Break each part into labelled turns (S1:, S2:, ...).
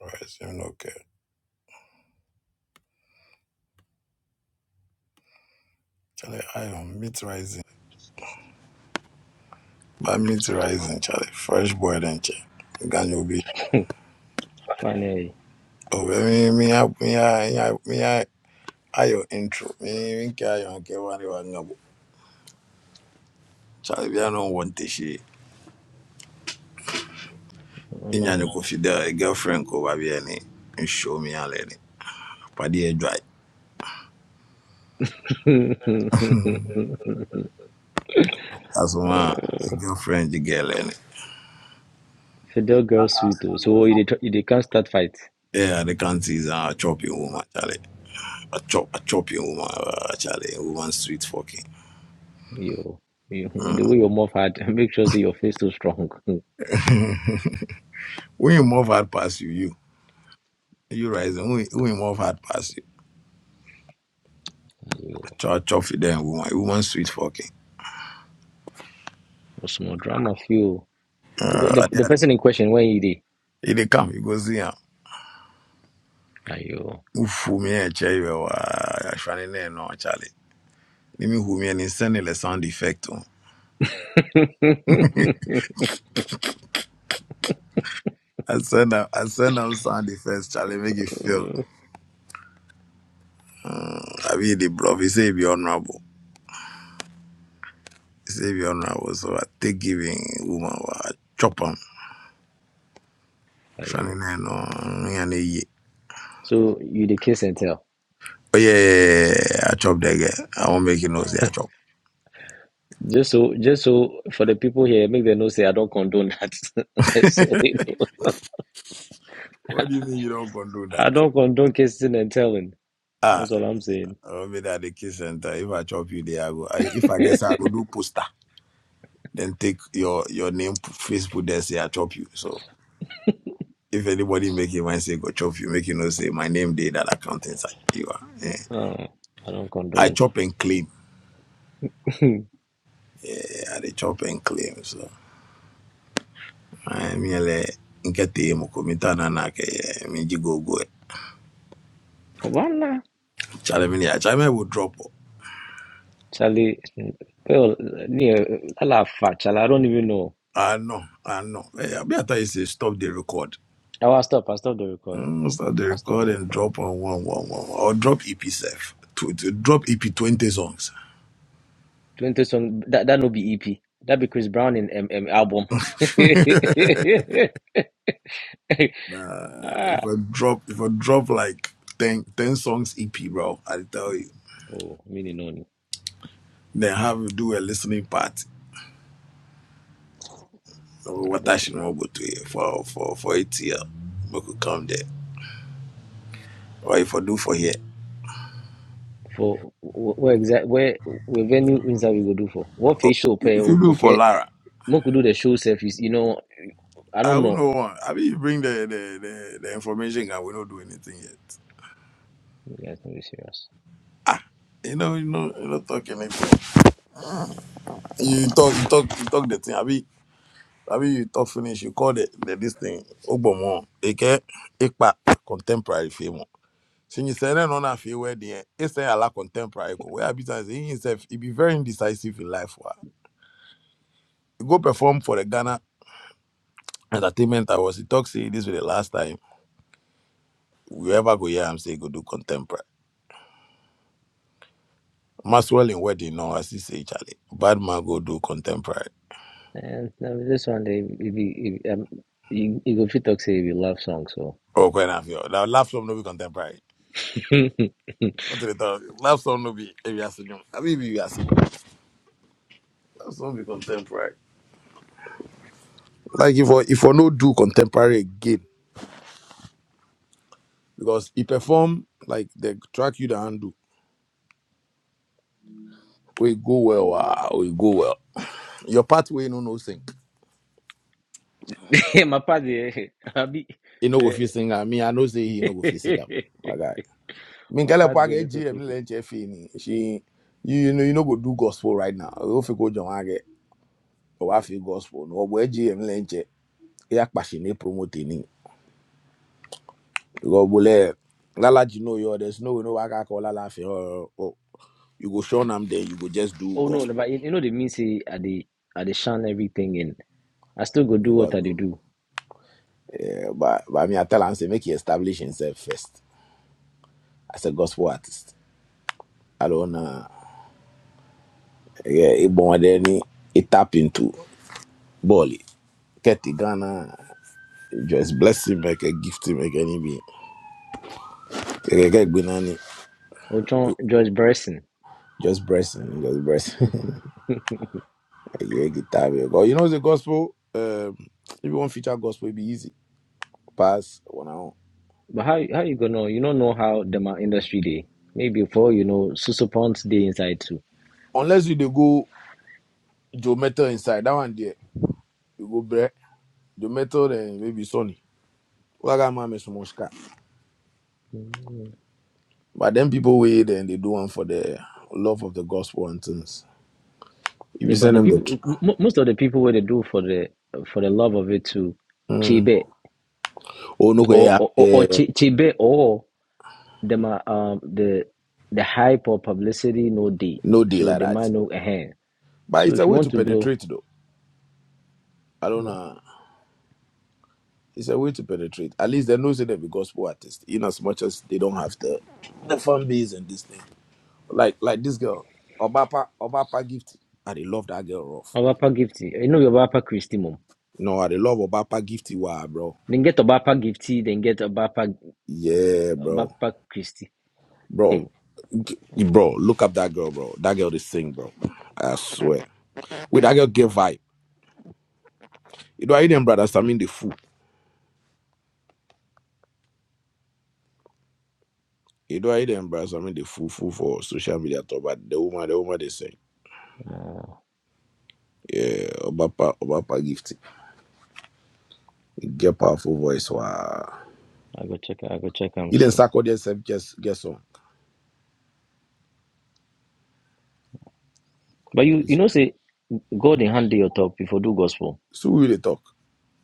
S1: Rice, you know, okay. Charlie, I am meat rising. By meat rising, Charlie. Fresh boiled and check. Ganyo be.
S2: Finally,
S1: Oh, me, me, I- me, I, I- me, I, I, your intro. Me, me, I, your, okay, one, you know. Charlie, we are not one tishy.
S2: I don't
S1: In
S2: know
S1: your confidel, a girlfriend, go by any. And show me a lady. Paddy a dry.
S2: him.
S1: That's my girlfriend, the girl, any.
S2: Fidel girl sweet oh. So you dey tr- you dey can't start fight.
S1: Yeah, the country is a chopping woman, Charlie. A chop, a chopping woman, uh, Charlie. A Woman, sweet fucking.
S2: You you the
S1: Mm.
S2: way your mouth hard, make sure say your face too strong.
S1: when you move out past you, you You rising? We we move hard past you.
S2: You
S1: Chop chop for them woman. Woman sweet fucking.
S2: small drama feel. The,
S1: Uh,
S2: the the person in question where you dey?
S1: if they come, you go see him.
S2: Are you
S1: Ufu me and chair you. Ashwani ne no Charlie. Let me who me and send the sound effect on. I send them, I send them sound effects, Charlie, make it feel. Mm, I be the bluff. He say be honorable. He say be honorable. So I take giving woman, well, I chop him.
S2: are you?
S1: Ashwani ne no, me and ye.
S2: So you dey kiss and tell.
S1: Oh yeah, yeah, yeah, yeah, yeah, I chop that guy. I won't make you know say I chop.
S2: Just so just so for the people here, make them know say I don't condone that. Just so they know.
S1: What do you mean you don't control that?
S2: I don't condone kissing and telling.
S1: Ah,
S2: That's all I'm saying.
S1: I'll be at the kiss center. If I chop you there, I go. I, if I guess I go do poster, then take your your name, Facebook, there say I chop you. So if anybody make you mind say go chop you, make you know say my name did that account inside. You are. eh.
S2: Oh, I don't
S1: I
S2: condone.
S1: chop and claim. Yeah, I chop and claim. So I merely nkete yi mu komita na na ke ye mi go go. eh.
S2: Voila.
S1: Charlie, me ya. Charlie, me will drop.
S2: Charlie, well, yeah, Allah fat, Charlie. I don't even know.
S1: Ah no, ah no. Eh, I thought you say stop the record.
S2: I will stop. I stop the record.
S1: Mm, Start the
S2: I stop the
S1: recording,
S2: record.
S1: drop on one, one, one, or drop EP self. To, to drop EP twenty songs.
S2: Twenty song. That that no be EP. That be Chris Brown in M M album.
S1: Nah,
S2: ah.
S1: if I drop, if I drop like 10, 10 songs EP, bro, I will tell you.
S2: Oh, meaning none.
S1: Then have to do a listening party. Or
S2: Nah,
S1: What I
S2: dang.
S1: should know to you for for for it here. We could come there. Or if I do for here.
S2: For wh- where exact where where venue inside we go do for what
S1: Or
S2: facial pay
S1: if you do for
S2: okay?
S1: Lara,
S2: Mo could do the show selfies. You know, I
S1: I
S2: don't
S1: don't
S2: know.
S1: know. one. I mean, you bring the the, the, the information and we don't do anything yet.
S2: You guys no be serious.
S1: Ah, you know, you know, you not talking anything. You talk, you talk, you talk the thing. Abi, abi, you talk finish. You call the, the this thing. Ogbomo, eke, ekpa, contemporary film. Since you say no na fi where the, it's a la contemporary. ko. Where abi say he himself, he be very indecisive in life. Wa, he go perform for the Ghana Entertainment Awards. He talk say this was the last time we ever go here. I'm say he go do contemporary. Maxwell in wedding, no, as he say Charlie. Bad man go do contemporary.
S2: And now this one, they if you if, um, you, you go fit talk say if you love song so.
S1: Oh, quite enough. Now, laugh some no be contemporary. What do they talk? Laugh some no be. If you ask him, abi, if you are That's not be contemporary. Like if I if I no do contemporary again because he perform like the track you the handle. We go well, wow, we go well. Your pathway no no sing.
S2: my part they, I be
S1: He no go
S2: the
S1: fit sing. I me. I know say he no go fit sing. am, My guy. Me
S2: my
S1: kala
S2: part
S1: pa
S2: be a
S1: get
S2: little
S1: GM
S2: tricky.
S1: lenche fini. She you you know you no go do gospel right now. You fit go John Age. Go afi gospel. No go GM lenche. Ya passion promote ni. Go bole. Lala you know yo there's no way no waka call Lala fi. You go show them there. you go just do
S2: Oh no, no,
S1: gospel.
S2: but you, you know the mean say I they I they shine everything in. I still go do what
S1: God.
S2: I they do.
S1: eh, but but I mean I tell him say make he establish himself first as a gospel artist. I don't know yeah, it
S2: Mm.
S1: born there, he, he tap into Bali. Get the Ghana just bless him like a gift him like any be. Get- get
S2: Oh, John George Bryson.
S1: Just bless him, just bless him. yeah, guitar. yeah. But you know the gospel, um if you want to feature gospel it be easy. Pass one hour.
S2: But how how you gonna know? You don't know how the ma- industry day. Maybe for you know Susu Ponds day inside too.
S1: Unless you dey go Joe Metal inside, that one there, you go break Joe Metal then maybe Sony. Wagama Mr. Mushka. But then people wait and they do one for the love of the gospel and things. If
S2: Yeah,
S1: you
S2: but
S1: send
S2: the
S1: them the
S2: people,
S1: tr-
S2: m- most of the people what they do for the for the love of it too.
S1: mm, oh no,
S2: or
S1: yeah,
S2: or, or, or
S1: eh,
S2: chi- chibe or the ma um the the hype or publicity no day.
S1: no deal
S2: So
S1: like
S2: the
S1: that.
S2: man no eh
S1: But
S2: So
S1: it's
S2: if
S1: a
S2: you
S1: way
S2: want
S1: to
S2: to blow
S1: penetrate though. I don't know. It's a way to penetrate. At least they know say they be gospel artists, in as much as they don't have the the fan base and this thing. Like like this girl, Obapa Obapa Gifty. I they love that girl rough.
S2: Obapa gifty, you know your Obapa Christie mum
S1: No, I they love Obapa Gifty. Wow, bro.
S2: Then get Obapa gifty, then get Obapa
S1: Yeah, bro.
S2: Obapa Christie.
S1: bro.
S2: Hey,
S1: g- Bro, look up that girl, bro. That girl, they sing, bro. I swear. With that girl, get vibe. You know, I them brothers. I mean, the fool. You know, I them brothers. I mean, the fool, fool for social media talk. But the woman, the woman, they sing.
S2: uh,
S1: Yeah, Obapa, Obapa gift. Get powerful voice. Wow.
S2: I go check. I go check. I'm
S1: He didn't
S2: see
S1: suck all yourself. Just get some.
S2: But you you know say God in hand dey your top before do gospel.
S1: So who they talk,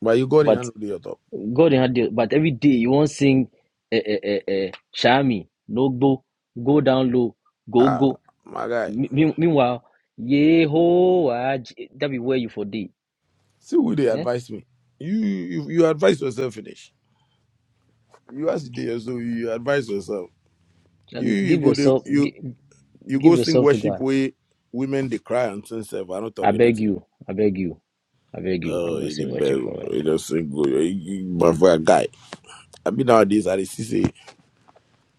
S1: but you got in
S2: But
S1: and do your talk.
S2: God in hand dey- but every day you won't sing eh, eh, eh, eh, Shami, no go, go down low, go
S1: Ah,
S2: go.
S1: my guy.
S2: Me- mean- Meanwhile, Yehovah, J- that be where you for day.
S1: See who they
S2: Eh?
S1: advise me. You, you, you advise yourself finish. You ask the so you advise yourself. You,
S2: Charlie,
S1: you
S2: give
S1: go there.
S2: yourself, give,
S1: you
S2: give
S1: go sing
S2: yourself to
S1: worship
S2: God.
S1: way women they cry and sing self. I'm not
S2: I
S1: talking
S2: beg
S1: anything.
S2: you, I beg you, I beg you. I
S1: Oh,
S2: will
S1: he the
S2: sing worship
S1: bell.
S2: for
S1: He
S2: you.
S1: just sing good. He, he, but for a guy, I mean nowadays I dey see say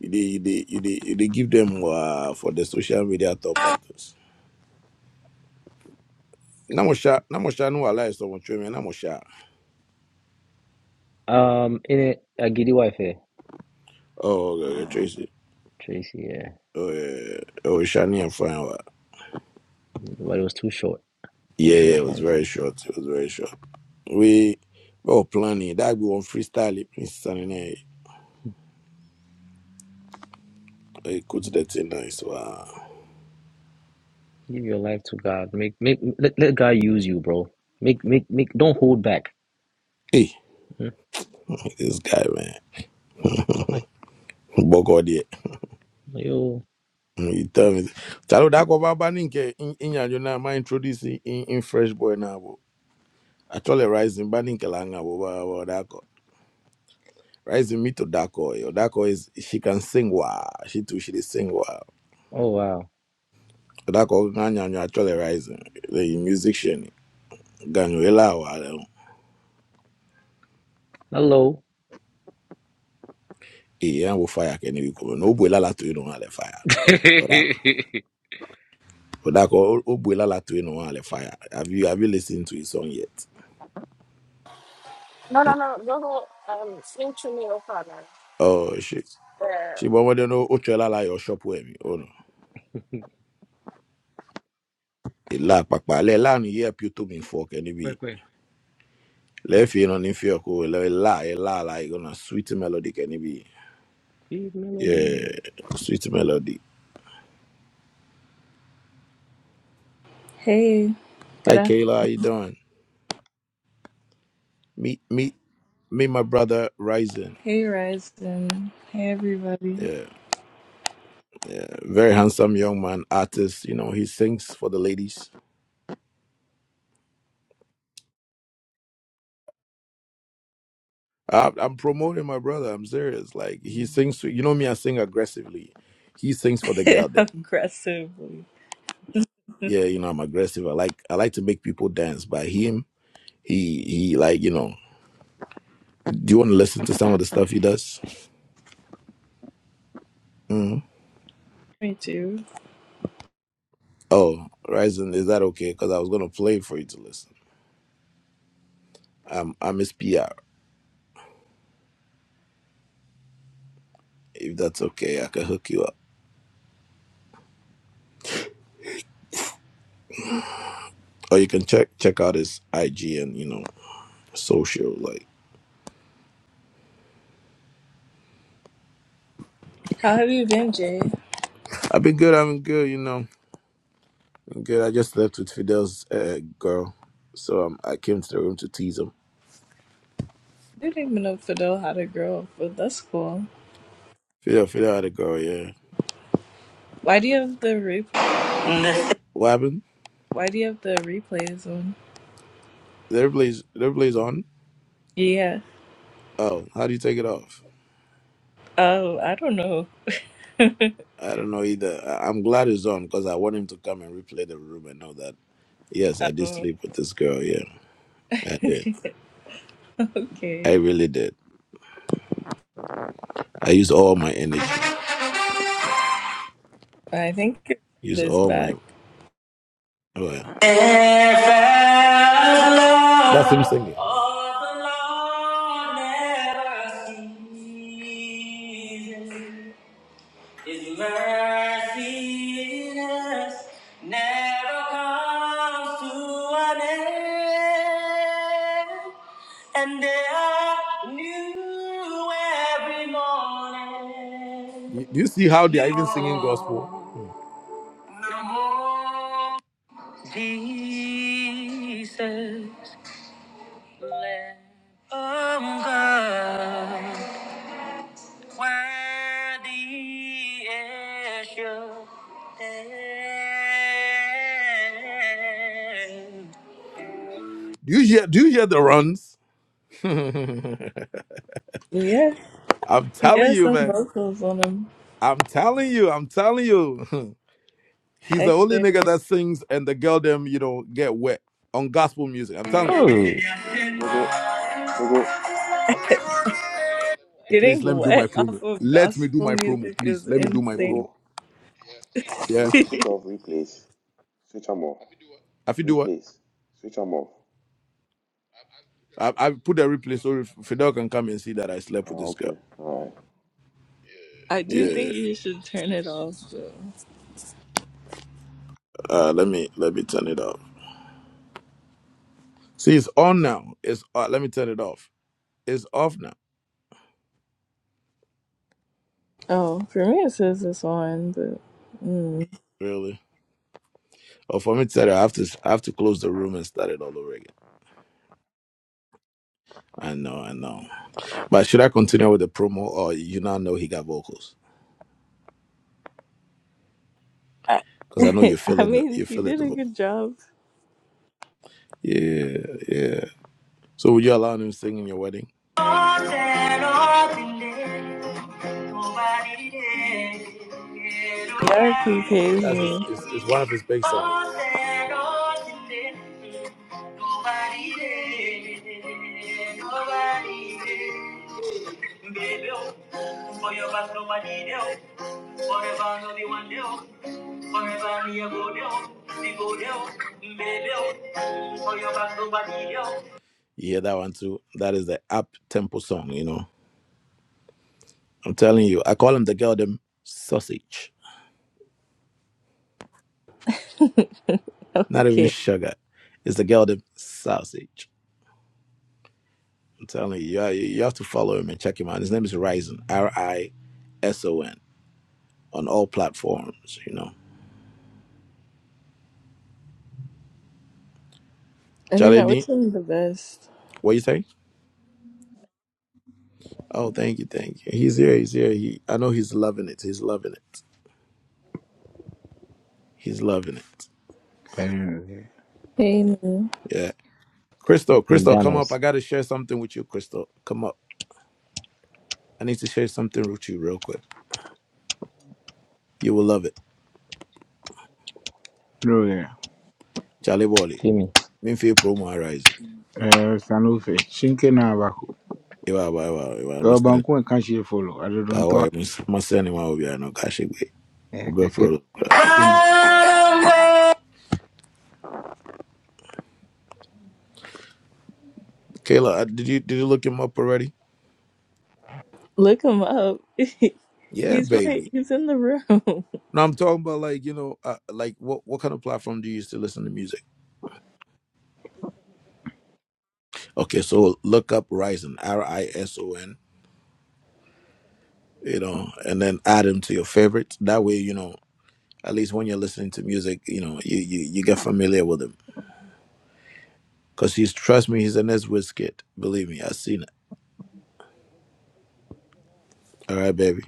S1: they they they they give them uh, for the social media top actors. things. Namosha, Namosha, no allow someone to me. Namosha,
S2: Um, in it, a giddy wife here,
S1: oh uh, Tracy,
S2: Tracy. Yeah,
S1: oh uh, oh Shani and fine. wa.
S2: but it was too short. I
S1: Yeah,
S2: wish it
S1: yeah,
S2: was
S1: it was
S2: longer.
S1: very short. It was very short. We we were planning that we on freestyle. It means I there, coach that thing nice. Wow,
S2: Give your life to God. Make, make, let, let God use you, bro. Make, make, make. Don't hold back.
S1: hey,
S2: Hmm?
S1: this guy man.
S2: Charlie,
S1: Bọ̀gọ̀ there.
S2: yo,
S1: Mm, You tell me. Chalo dako baba ninke in in ya ma introduce in in fresh boy na bo. Actually rising ba ninke langa bo ba ba dako. Rising me to dako. Yo dako is she can sing wow. She too she dey sing wow.
S2: oh wow,
S1: Dako ganya nyo actually rising. The musician ganyo ela wa le.
S2: hello.
S1: E ya bo fire ke ni ko. No bo ela la to you no le fire.
S2: Quick,
S1: Dako. Dako o bo ela la to you no le fire. Have you have you listened to his song yet?
S3: No, no,
S1: Mm.
S3: no. Go to um, Slim Chimney O'Connor.
S1: Oh shit.
S3: Yeah.
S1: ṣùgbọ́n wọ́n dẹ́nu ó tún ẹ lálàyọ̀ ṣọ́ọ̀pù ẹ̀mí ọ̀nà ìlà pàpà alẹ́ láàrin me pí ó tó mi fọ́ kẹ́ níbi
S2: quick.
S1: lẹ́ẹ̀fì iná ní fi ọkọ ẹlẹ́wẹ̀ láà ẹ láàlá ìgbọ́nà sweet melody kẹ́ níbi
S2: Sweet melody.
S1: yeah sweet melody.
S4: Hey, good
S1: Hi
S4: afternoon.
S1: Kayla, how you doing? Me, me, me, my brother Rising.
S4: Hey, Ryzen. Hey, everybody.
S1: Yeah, yeah, very handsome young man, artist. You know, he sings for the ladies. I'm, I'm promoting my brother. I'm serious. Like he sings, to, you know me. I sing aggressively. He sings for the girl.
S4: Aggressively.
S1: yeah, you know, I'm aggressive. I like I like to make people dance. By him, he he like you know. Do you want to listen to some of the stuff he does? Mm.
S4: Me too.
S1: Oh, Ryzen, is that okay? Because I was gonna play for you to listen. Um, I miss PR. If that's okay, I can hook you up, or you can check check out his IG and you know social. Like
S4: How have you been, Jay? I
S1: I've been good. I've been good. You know, been good. I just left with Fidel's uh, girl, so um, I came to the room to tease him.
S4: didn't even know Fidel had a girl, but that's cool.
S1: Fidel, Fidel had a girl. Yeah,
S4: Why do you have the replay?
S1: what happened?
S4: Why do you have the replays on?
S1: The replay's the replay's on.
S4: Yeah.
S1: Oh, how do you take it off?
S4: Oh, I don't know.
S1: I don't know either. I- I'm glad he's on because I want him to come and replay the room and know that. Yes, I did
S4: Oh.
S1: sleep with this girl. Yeah, I did. I
S4: okay.
S1: really did. I used all my energy.
S4: I think your
S1: Used
S4: friend is
S1: all my.
S4: back.
S1: Well. If I love That's him singing. of the Lord never ceases, His mercy never comes to an end, and they are new every morning. You- Do you see how they are even singing gospel? Jesus, Lamb of God. Worthy is your name. Do you hear? Do you hear the runs? I'm
S4: Yeah. He
S1: telling
S4: has
S1: you,
S4: some
S1: man.
S4: vocals on him.
S1: I'm telling you. I'm telling you. He's the only
S4: Hector.
S1: nigga that sings and the girl them, you know, get wet on gospel music. I'm telling you.
S2: Oh.
S5: Go go go go uh,
S1: Please
S4: Getting
S1: let me do my
S4: wet
S1: promo.
S4: off of
S1: Let me do my
S4: gospel
S5: go
S1: promo,
S4: music
S1: please.
S4: is
S1: Let me
S5: go
S1: do my
S5: go
S4: insane.
S1: promo.
S5: go. You
S1: Yeah.
S5: go fit put off replace. Switch am off.
S1: If you do what?
S5: Replace. Switch am off.
S1: I, I put the replay so Fidel can come and see that I slept
S5: Ah
S1: with this girl.
S5: okay. All right.
S4: I
S5: Mm-hmm.
S4: do
S5: I
S1: Yeah.
S5: do
S4: think you
S5: think you
S4: should
S5: should
S4: turn it
S5: turn it
S4: off though.
S1: Uh, let me let me turn it off. See, it's on now. It's uh, let me turn it off. It's off now.
S4: Oh, for me it says it's on, but mm.
S1: Really? Oh, for me to tell you, I have to I have to close the room and start it all over again. I know, I know. But should I continue with the promo, or you now know he got vocals?
S4: I,
S1: Because I know you're
S4: I
S1: feeling the
S4: mean
S1: you're
S4: he
S1: feeling
S4: did
S1: the
S4: a
S1: vocal.
S4: good job.
S1: Yeah, yeah. So would you allow him to sing in your wedding?
S4: Yeah, he pays
S1: That's his,
S4: me.
S1: it's, it's one of his big songs. Nobody there. Nobody there. Baby, oh, for nobody there. Forever, no be one there. Forever, me a go there. Me go there. Baby, oh, for nobody there. You hear that one too? That is the up tempo song, you know. I'm telling you, I call him the girl them sausage. Not even
S4: okay.
S1: sugar. It's the girl them sausage. I'm telling you, you, you have to follow him and check him out. His name is Ryzen, R I S O N, on all platforms. You know,
S4: I mean I wish
S1: Charlie,
S4: him the best.
S1: what you say? Oh, thank you, thank you. He's here, he's here. He, I know he's loving it. He's loving it. He's loving it.
S6: Eh,
S4: Hey man.
S1: Yeah, Crystal, Crystal, come up. I
S2: McDonald's.
S1: got to share something with you, Crystal. Come up. I need to share something with you real quick. You will love it,
S6: Lawyer.
S1: Charlie Wally.
S2: Pay me.
S1: Me feel promo Ryzen.
S6: Eh, Sanufe. Shinke na baku.
S1: Iwa, iwa, iwa, iwa. I'm sending.
S6: Yobanku and Kanshi follow. I don't know.
S1: I'm sending. I'm sending.
S6: Eh,
S1: I'm We
S6: keke. Kina.
S1: I'm sending. Kayla, I- did you did you look him up already?
S4: Look him up.
S1: Yeah,
S4: He's right,
S1: baby.
S4: he's in the room.
S1: No, I'm talking about like you know, uh, like what what kind of platform do you use to listen to music? Okay, so look up Rison, R I S O N, you know, and then add him to your favorites. That way, you know, at least when you're listening to music, you know, you you, you get familiar with him. Cause he's trust me, he's an S whiz kid. Believe me, I've seen it. All right, baby.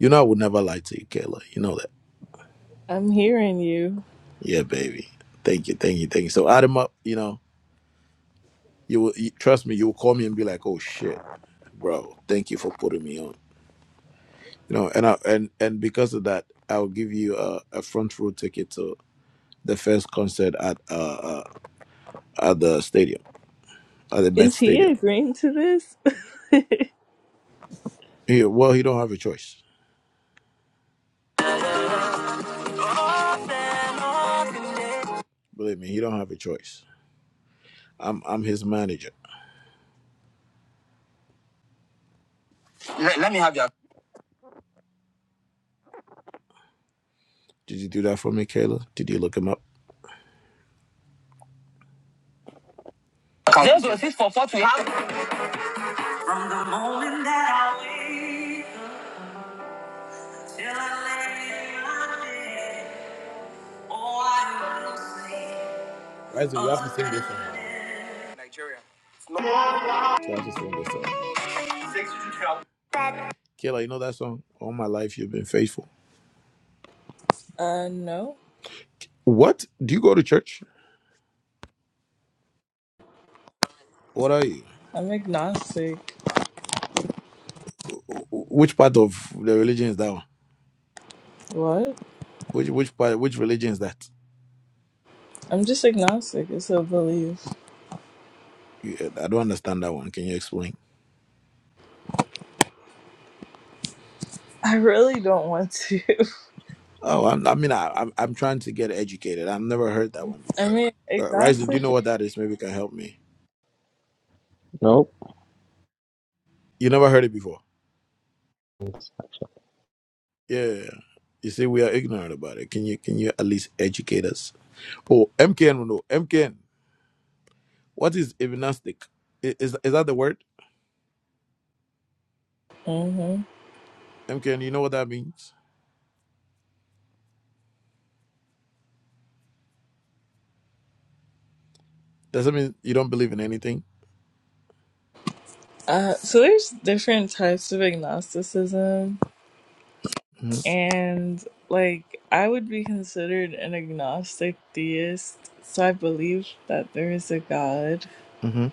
S1: You know I would never lie to you, Kayla. You know that.
S4: I'm hearing you.
S1: Yeah, baby. Thank you, thank you, thank you. So add him up. You know, you will you, trust me. You will call me and be like, oh shit. bro. Thank you for putting me on. You know, and I, and and because of that, I'll give you a, a front row ticket to the first concert at uh, uh at the stadium, at the Met
S4: Is he
S1: Stadium.
S4: agreeing to this?
S1: He, well, he don't have a choice. Believe me, he don't have a choice. I'm I'm his manager. Let, let me have your Did you do that for me, Kayla? Did you look him up? account. Zero zero six four four two. From the moment that I wake till I lay my head, oh, I will sing. Isaac, you have to sing this song. You have to sing this song. Kayla, you know that song? All my life you've been faithful.
S4: Uh no.
S1: What? Do you go to church? What are you?
S4: I'm agnostic.
S1: Which part of the religion is that one?
S4: What?
S1: Which which part? Which religion is that?
S4: I'm just agnostic. It's a belief.
S1: Yeah, I don't understand that one. Can you explain?
S4: I really don't want to.
S1: Oh, I'm, I mean, I, I'm I'm trying to get educated. I've never heard that one
S4: I
S1: before.
S4: mean,
S1: Uh, Rising, do you know
S4: agnostic.
S1: what that is? Maybe you can help me.
S2: Nope.
S1: You never heard it before. Yeah. yeah, yeah. You see, we are ignorant about it. Can you can you at least educate us? Oh, MKN will know. MKN, what is evanastic? I- Is is that the word?
S4: hmm
S1: MKN, you know what that means? Does that mean you don't believe in anything?
S4: Uh, so there's different types of agnosticism,
S1: hmm
S4: and like I would be considered an agnostic theist. So I believe that there is a God,
S1: hmm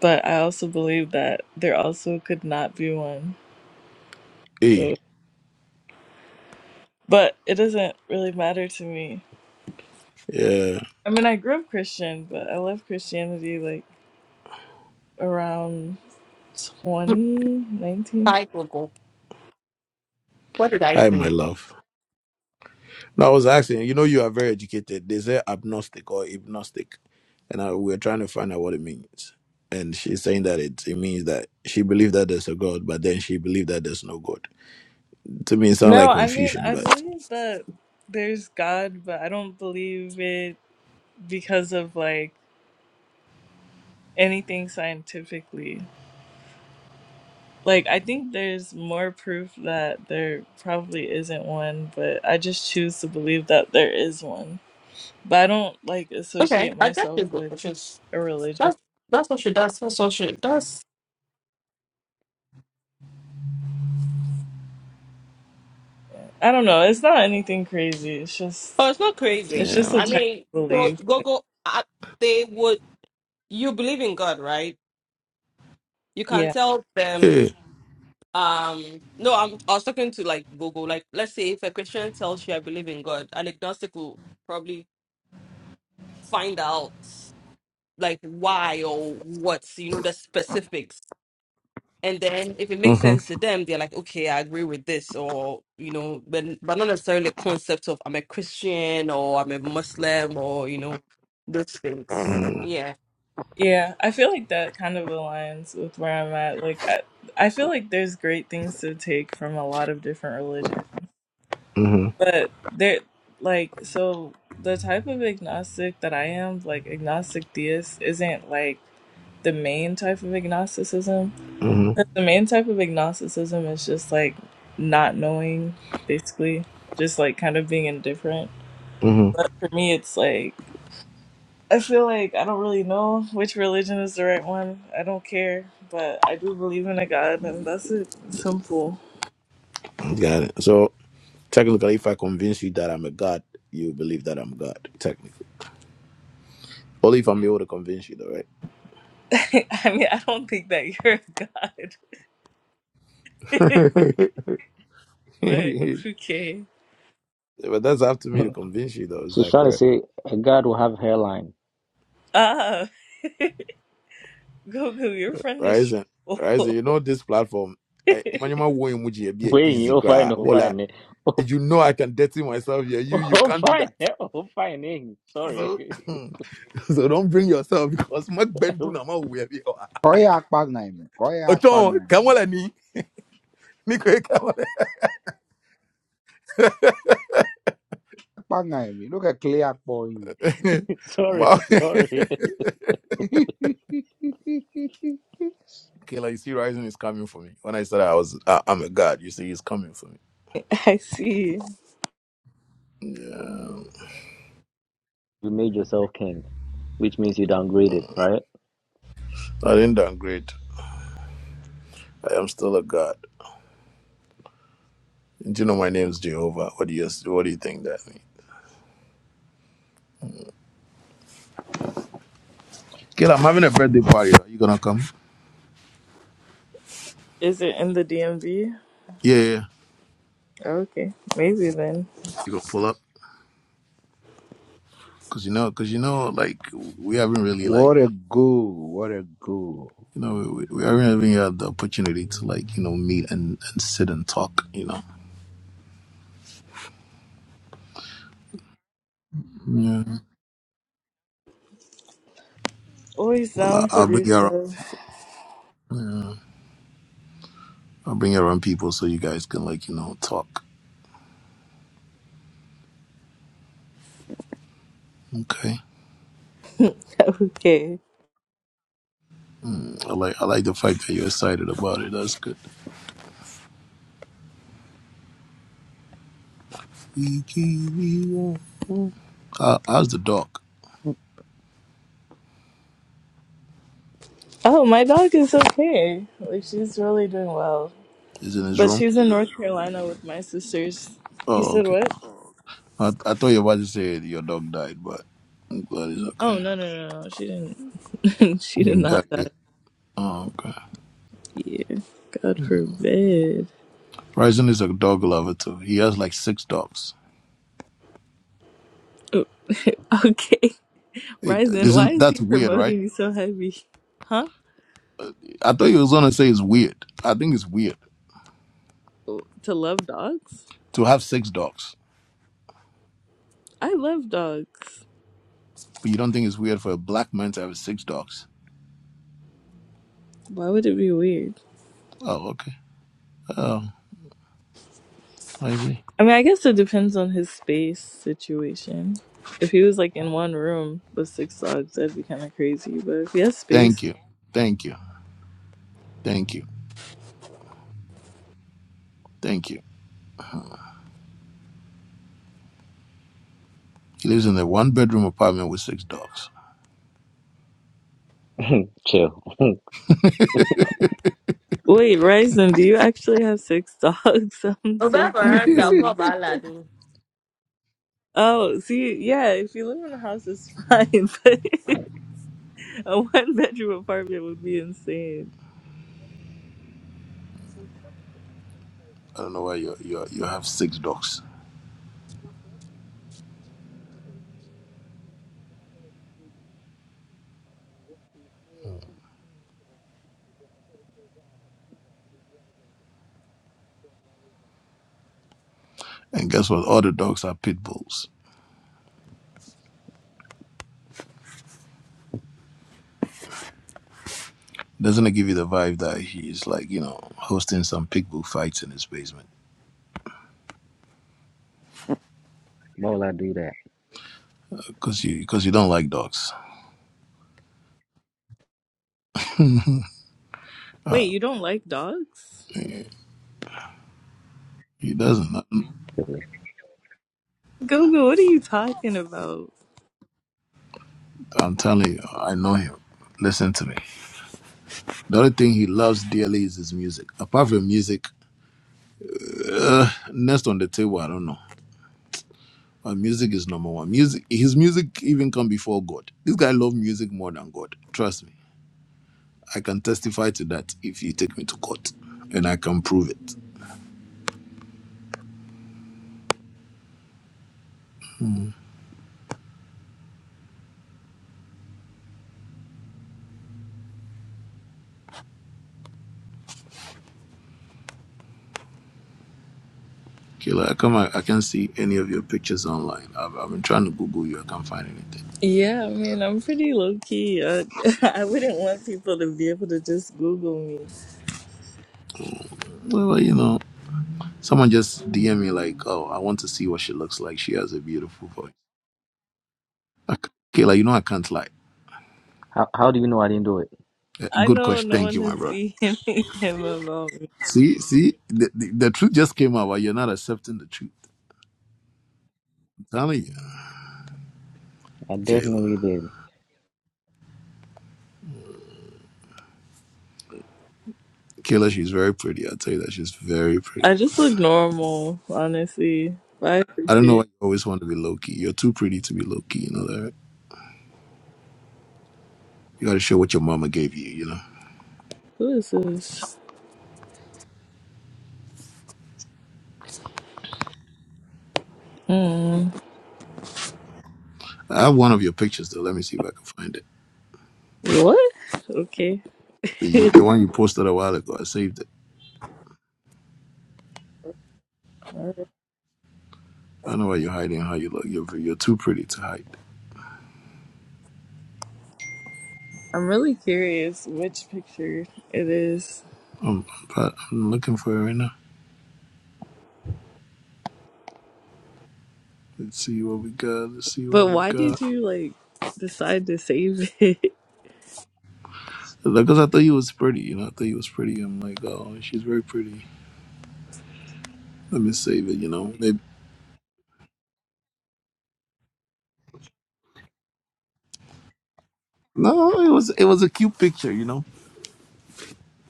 S4: but I also believe that there also could not be one.
S1: Hey,
S4: So, but it doesn't really matter to me.
S1: yeah.
S4: I mean, I grew up Christian, but I left Christianity like around 2019.
S7: cyclical. What did I
S1: Hi, my
S7: do?
S1: love. No, I was asking. You know, you are very educated. They say agnostic or agnostic, and I, we're trying to find out what it means. And she's saying that it, it means that she believed that there's a God, but then she believed that there's no God. To me, it sounds
S4: No,
S1: like
S4: I mean,
S1: confusion,
S4: I
S1: but
S4: believe that there's God, but I don't believe it because of like anything scientifically. Like, I think there's more proof that there probably isn't one, but I just choose to believe that there is one. But I don't like
S7: Okay,
S4: associate
S7: I got your
S4: myself
S7: book,
S4: with
S7: which is
S4: a religion.
S7: that's that's what she does. That's what she does.
S4: I don't know. It's not anything crazy. It's just,
S7: Oh, it's not crazy.
S4: it's just
S1: yeah.
S4: a
S7: I
S4: type
S7: mean,
S4: of
S7: well,
S4: belief.
S7: go go. I, they would. You believe in God, right? You
S4: Yeah.
S7: can tell them.
S1: yeah.
S7: Um, no, I'm. I was talking to like Gogo. Like, let's say if a Christian tells you I believe in God, an agnostic will probably find out like why or what's you know the specifics And then if it makes
S1: Mm-hmm.
S7: sense to them, they're like, okay, I agree with this, or you know, but but not necessarily a concept of I'm a Christian or I'm a Muslim or you know, those things. Yeah.
S4: Yeah, I feel like that kind of aligns with where I'm at. Like I, I feel like there's great things to take from a lot of different religions.
S1: Mm-hmm.
S4: But there like so the type of agnostic that I am, like agnostic theist isn't like the main type of agnosticism.
S1: Mm-hmm.
S4: 'Cause The main type of agnosticism is just like not knowing, basically, just like kind of being indifferent.
S1: Mm-hmm.
S4: But for me it's like I feel like I don't really know which religion is the right one. I don't care, but I do believe in a God, and that's it. Simple.
S1: Got it. So technically, if I convince you that I'm a God, you believe that I'm God. Technically, only if I'm able to convince you, though, right?
S4: I mean, I don't think that you're a God,
S1: but
S4: but okay.
S1: that's up to me to convince you, though. Is
S2: She's
S1: that
S2: trying to
S1: correct?
S2: say a God will have hairline.
S4: Ah, Goku, your friend is.
S1: Ryzen, Ryzen,
S4: troll.
S1: you know this platform. I Manyama wo emoji be
S2: Wait, you
S1: easy
S2: oh fine,
S1: cry.
S2: oh
S1: Voila.
S2: fine,
S1: You know I can dirty myself here. You you
S2: oh
S1: can't do
S2: fine,
S1: that.
S2: oh fine. Sorry,
S1: So, so don't bring yourself because my bend do nama we be.
S6: Koi akpag na imi. Koi akpag
S1: Oton,
S6: na
S1: come
S6: imi.
S1: on, ni ni kwe come
S6: Akpag na imi. Look at clear akpo
S1: on.
S2: sorry,
S1: Wow.
S2: sorry.
S1: Okay, like you see, Ryzen is coming for me. When I said I was, I, I'm a god. You see, he's coming for me.
S4: I see.
S1: Yeah,
S2: You made yourself king, which means you downgraded, right?
S1: I didn't downgrade. I am still a god. Do you know my name is Jehovah? What do you what do you think that means? Kid, I'm having a birthday party. Are you gonna come?
S4: Is it in the DMV?
S1: Yeah, yeah.
S4: Okay, maybe then.
S1: You gonna pull up? Cause you know, cause you know, like we haven't really like
S6: What a go. What a go.
S1: you know we, we haven't even had the opportunity to like you know meet and, and sit and talk. You know. Yeah.
S4: Always
S1: Well, I,
S4: down to
S1: I'll
S4: do
S1: bring you around.
S4: stuff.
S1: Yeah, I'll bring you around people so you guys can like you know talk. Okay.
S4: Okay.
S1: I like I like the fact that you're excited about it. That's good. We keep- we won't. Uh, how's the dog?
S4: Oh, my dog is okay. Like she's really doing well.
S1: Is it in his
S4: But
S1: room?
S4: she was in North Carolina with my sisters. You
S1: Oh,
S4: said
S1: okay.
S4: what?
S1: I, I thought you were about to say your dog died, but I'm glad he's
S4: Oh
S1: okay.
S4: no no no no! She didn't. she
S1: He
S4: did
S1: didn't
S4: not
S1: die
S4: die.
S1: yet. Oh, okay.
S4: Yeah, God forbid.
S1: Ryzen is a dog lover too. He has like six dogs.
S4: Oh, okay,
S1: It
S4: Ryzen, why
S1: isn't
S4: is
S1: that's
S4: he
S1: weird, right?
S4: promoting you so heavy? Huh?
S1: I thought you was gonna say it's weird. I think it's weird
S4: Oh, To love dogs?
S1: to have six dogs,
S4: I love dogs.
S1: but you don't think it's weird for a black man to have six dogs.
S4: Why would it be weird?
S1: Oh, okay. Oh, I see.
S4: I mean, I guess it depends on his space situation. If he was like in one room with six dogs, that'd be kind of crazy. But if he has space
S1: Thank you, thank you, thank you, thank you. He lives in a one-bedroom apartment with six dogs.
S2: Chill.
S4: Wait, Ryzen, do you actually have six dogs? I'm so
S7: Oba
S6: you
S1: Yeah,
S7: veranda kwa
S4: confused.
S7: balado.
S4: Oh, see, yeah, if you live in a house, it's fine, but a one bedroom apartment would be insane.
S1: I don't know why you you you have six dogs. And guess what? All the dogs are pit bulls. Doesn't it give you the vibe that he's like, you know, hosting some pig bull fights in his basement?
S2: Why would I do that?
S1: Because you, because you don't like dogs.
S4: Wait, you don't like dogs?
S1: Yeah, He doesn't.
S2: Really?
S4: Google, what are you talking about?
S1: I'm telling you, I know him. Listen to me. The only thing he loves dearly is his music. Apart from music, next on the table, I don't know. But music is number one. Music, his music even come before God. This guy loves music more than God. Trust me. I can testify to that if you take me to court, and I can prove it. Killer, I come. I, I can't see any of your pictures online. I've, I've been trying to Google you. I can't find anything.
S4: Yeah, I mean, I'm pretty low key. Uh, I wouldn't want people to be able to just Google me.
S1: Well, you know, someone just DM me like, "Oh, I want to see what she looks like. She has a beautiful voice." I c Killer, you know I can't lie.
S2: How How do you know I didn't do it?
S1: Uh,
S4: I
S1: Good
S4: know
S1: question.
S4: no
S1: Thank
S4: one
S1: you, my
S4: has
S1: brother.
S4: DMing him about me.
S1: See, see, the, the, the truth just came out, but you're not accepting the truth. I'm telling you,
S2: I
S1: Kayla.
S2: definitely did.
S1: Kayla, she's very pretty. I'll tell you that she's very
S4: I
S1: pretty.
S4: just look normal, honestly. But I
S1: I don't know why
S4: appreciate.
S1: you always want to be low key. You're too pretty to be low key. You know that. Right? You got to show what your mama gave you. You know.
S4: Who is this? Hmm.
S1: I have one of your pictures though. Let me see if I can find it.
S4: What? Okay.
S1: The, you, the one you posted a while ago, I saved it.
S4: Alright.
S1: I know why you're hiding how you look. You're, you're too pretty to hide.
S4: I'm really curious which picture it is.
S1: I'm, I'm, I'm looking for it right now. Let's see what we got. Let's see what
S4: But
S1: we
S4: why
S1: got.
S4: did you like decide to save it?
S1: Because I thought you was pretty. You know, I thought you was pretty. I'm like, oh, she's very pretty. Let me save it. You know, Maybe- no, it was it was a cute picture. You know,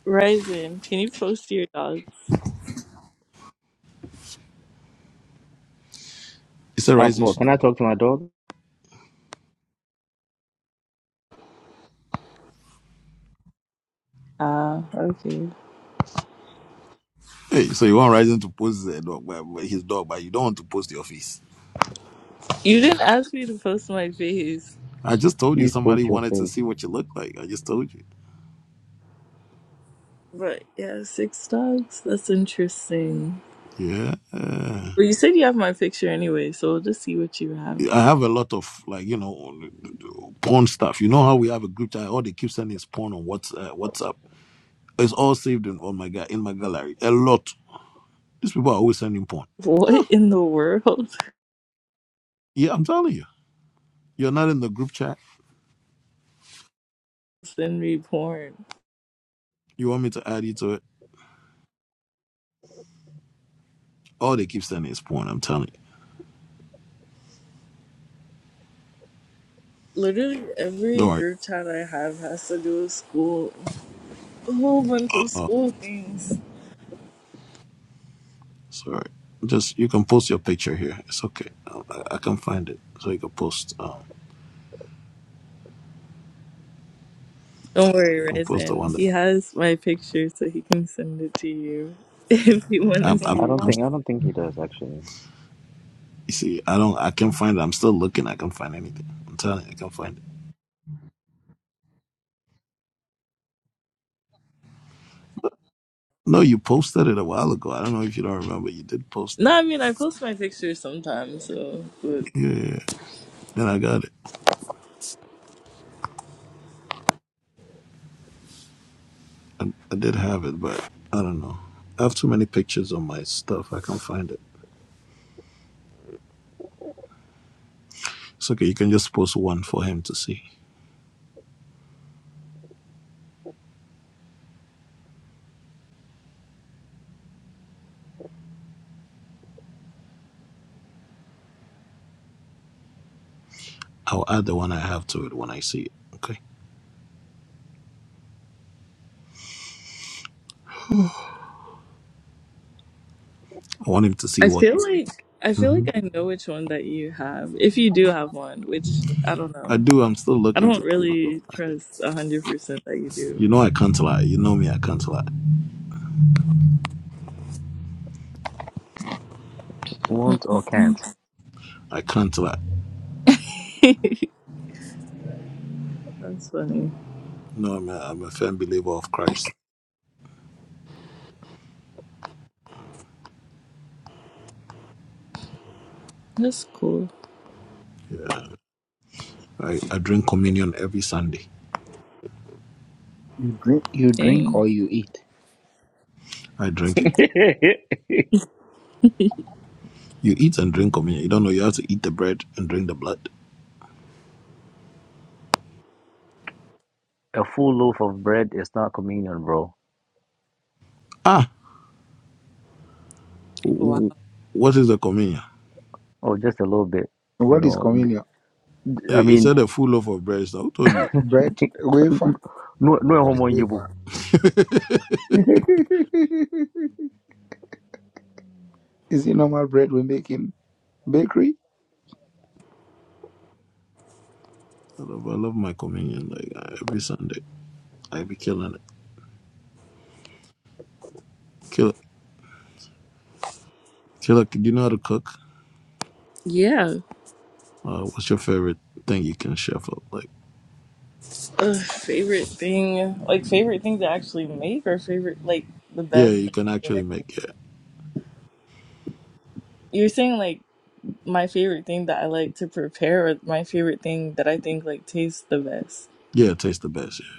S4: Ryzen, can you post your dogs?
S1: it's a
S2: Um,
S1: rising.
S2: well,
S1: sh-
S2: can I talk to my dog?
S4: Ah, okay.
S1: Hey, so you want Ryzen to post their dog, but- but his dog, but you don't want to post your face.
S4: You didn't ask me to post my face.
S1: I just told you
S2: Please
S1: somebody
S2: post your
S1: wanted to
S2: face.
S1: see what you look like. I just told you.
S4: But yeah, six dogs? That's interesting.
S1: Yeah.
S4: Well, you said you have my picture anyway, so we'll just see what you have.
S1: I have a lot of like you know porn stuff. You know how we have a group chat. All they keep sending is porn on what's uh, WhatsApp. It's all saved in on my guy in my gallery. A lot. These people are always sending porn.
S4: What in the world?
S1: Yeah, I'm telling you. You're not in the group chat.
S4: Send me porn.
S1: You want me to add you to it? All they keep sending is porn. I'm telling you.
S4: Literally
S1: Don't
S4: every
S1: worry.
S4: group chat I have has to do with school. A whole bunch of
S1: Oh,
S4: school things.
S1: sorry. Just you can post your picture here. It's okay. I, I I can find it, so you can post. Um,
S4: Don't worry,
S1: can post the one
S4: Ryzen.
S1: that
S4: He has my picture so he can send it to you if you wanna
S1: I'm.
S2: Your I
S1: I'm,
S4: see.
S2: don't
S1: I'm
S2: think I don't think he does actually.
S1: you see, I don't. I can find. it. I'm still looking. I can find anything. I'm telling you, I can find it. No, you posted it a while ago. I don't know if you don't remember. You did post
S4: No,
S1: it.
S4: I mean I post my pictures sometimes, so but
S1: Yeah, yeah. yeah. And I got it. I, I did have it, but I don't know. I have too many pictures on my stuff. I can't find it. It's okay. You can just post one for him to see. I'll add the one I have to it when I see it. Okay. I want him to see
S4: I
S1: what.
S4: feel like I feel
S1: hmm
S4: like I know which one that you have. If you do have one, which I don't
S1: I
S4: know.
S1: do. I'm still
S4: I
S1: looking to
S4: don't
S1: see if I can
S4: really
S1: find it.
S4: trust a hundred percent that you do,
S1: You know, I can't lie. You know me. I can't lie.
S2: Won't or can't.
S4: but
S1: I can't lie.
S4: that's funny.
S1: No, I'm a, I'm a firm believer of Christ.
S4: That's cool.
S1: Yeah. I, I drink communion every Sunday.
S6: drink you drink
S4: Dang.
S6: or you eat.
S1: I drink it. You eat and drink communion. You don't know you have to eat the bread and drink the blood.
S2: a full loaf of bread is not communion, bro.
S1: Ah,
S4: Wow.
S1: w- what is the communion?
S2: Oh, just a little bit, you
S6: What is
S2: know. D-
S6: communion?
S2: I
S1: Eh, It
S2: mean,
S1: said a full loaf of bread. So Who told you?
S6: Bread? Wafer?
S2: no, no
S6: What is
S2: homo yibu.
S6: wafer? is it normal bread we make in bakery?
S1: I love, I love my communion. Like uh, every Sunday, I be killing it. Kill, killer. Do you know how to cook?
S4: Yeah.
S1: Uh, what's your favorite thing you can chef up? Like,
S4: Uh, favorite thing, like favorite thing to actually make, or favorite like the
S1: yeah,
S4: best.
S1: you can
S4: Thing.
S1: actually make it.
S4: You're saying like my favorite thing that I like to prepare, or my favorite thing that I think like tastes the best.
S1: Yeah, it tastes the best. Yeah.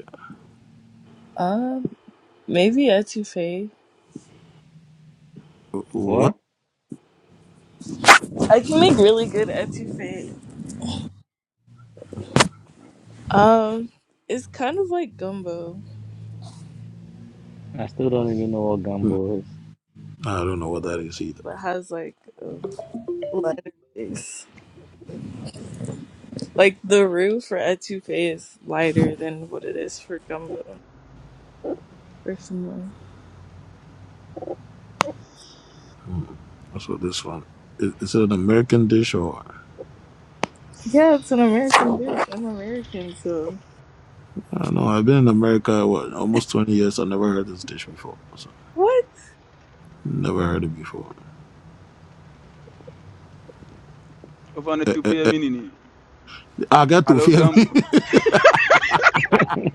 S4: Um, maybe etouffee.
S1: W-
S2: What?
S1: What?
S4: I can make really good etouffee. Um, it's kind of like gumbo,
S2: I still don't even know what
S1: Hmm,
S2: gumbo is.
S1: I don't know what that is either.
S4: but has like a lighter base. Like the roux for etouffee is lighter than what it is for gumbo. Or similar.
S1: That's what this one. Is, is it an American dish or?
S4: Yeah, it's an American dish. I'm American, so
S1: I don't know. I've been in America what, almost twenty years. I never heard this dish before. So.
S4: what
S1: Never heard it before.
S8: Ofana
S1: Eh, eh,
S8: tupia
S1: eh,
S8: mini ni.
S1: I got to
S8: Alo
S1: fear me.
S8: gambo.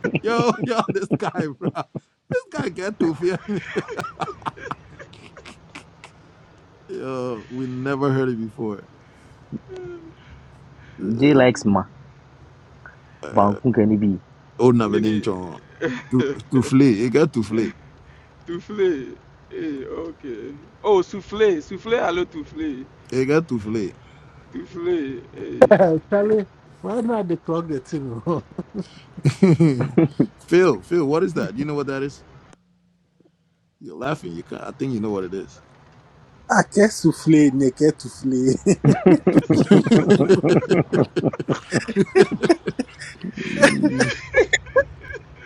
S1: yo, yo, this guy, bro. This guy got to fear me. Yo, we never heard it before.
S2: Jay
S1: Uh,
S2: likes ma. Bangkun can be.
S1: oh, never named
S8: Mini.
S1: John. To, to flee. It got to flee.
S8: Tufle. Hey, okay. Oh, souffle. Souffle, alo tufle.
S1: It got to flee.
S8: Tufle. Hey.
S9: Charlie, why not they clock the thing? oh?
S1: Phil, Phil, what is that? Do you know what that is? You're laughing. You can I think you know what it is.
S9: Ake soufflé, neke toufflé.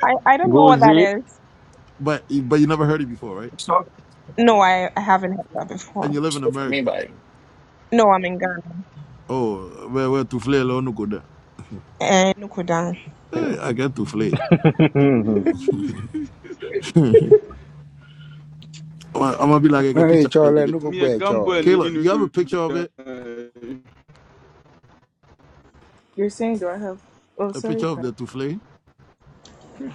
S10: I, I don't know what that
S2: Gozi.
S10: is.
S1: But but you never heard it before, right?
S11: So,
S10: No, I, I haven't
S11: so
S10: had that
S1: And
S10: before.
S1: you live in
S11: what I
S1: America.
S11: by
S10: No, I'm in Ghana.
S1: Oh, where where to flee alone no go down.
S10: And Nukudan.
S1: Eh, I got to flee. I'm gonna I'm gonna be like I got
S6: No,
S1: a
S6: no,
S1: picture
S6: it's all,
S1: of it.
S6: no, go buy
S8: Mie
S6: it,
S8: gambo e
S6: all.
S8: ni
S1: Kayla,
S8: inu.
S1: you have a picture of
S8: da.
S1: it?
S4: you're saying? Do I have? Oh,
S1: a
S4: sorry,
S1: picture of
S4: friend.
S1: the Tufle?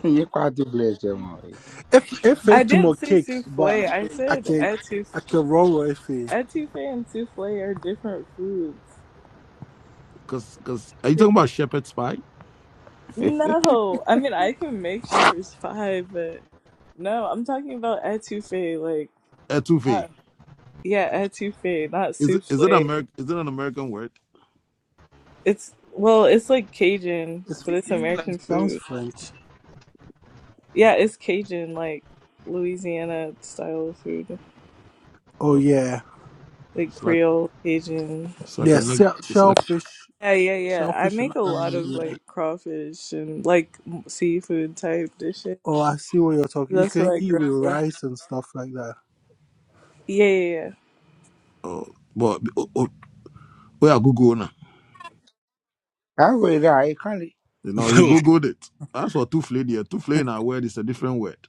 S6: Nye kwa dobleje mwe.
S9: If if
S4: I
S9: it to
S4: didn't
S9: more
S4: say
S9: cake, but
S4: souffle. I
S9: I
S4: said
S9: can
S4: etouffee.
S9: I can roll with it.
S4: Etouffee and souffle are different foods.
S1: Because because are you talking about shepherd spy?
S4: No, I mean I can make shepherd's pie, but no, I'm talking about etouffee. Like,
S1: Etufe.
S4: not, yeah, etouffee, not
S1: Is it is it
S4: souffle.
S1: Ameri- Is it an American word?
S4: It's well, it's like Cajun,
S9: It's,
S4: but it's
S9: it
S4: American
S9: sounds
S4: food.
S9: French.
S4: Yeah, it's Cajun, like Louisiana style food.
S9: Oh
S1: Uh,
S9: yeah,
S4: like
S1: it's like
S4: Creole, Cajun.
S1: it's like a
S9: yeah.
S4: Yeah.
S1: neg.
S9: shell-
S1: It's like
S9: Shellfish,
S4: Yeah, yeah, yeah. I
S9: shellfish, and
S4: make a lot of
S9: um, yeah.
S4: like crawfish and like m- seafood type dishes.
S9: Oh, I see what you're talking. You
S4: That's what
S9: can
S4: I
S9: eat
S4: grew up
S9: with
S4: with.
S9: rice and stuff like that.
S4: Yeah, yeah, yeah.
S1: uh, but oh, oh, oh, yeah, Google now.
S6: Awe ra e kali.
S1: You know, he googled it. That's what Tufle there. Tufle in our word is a different word.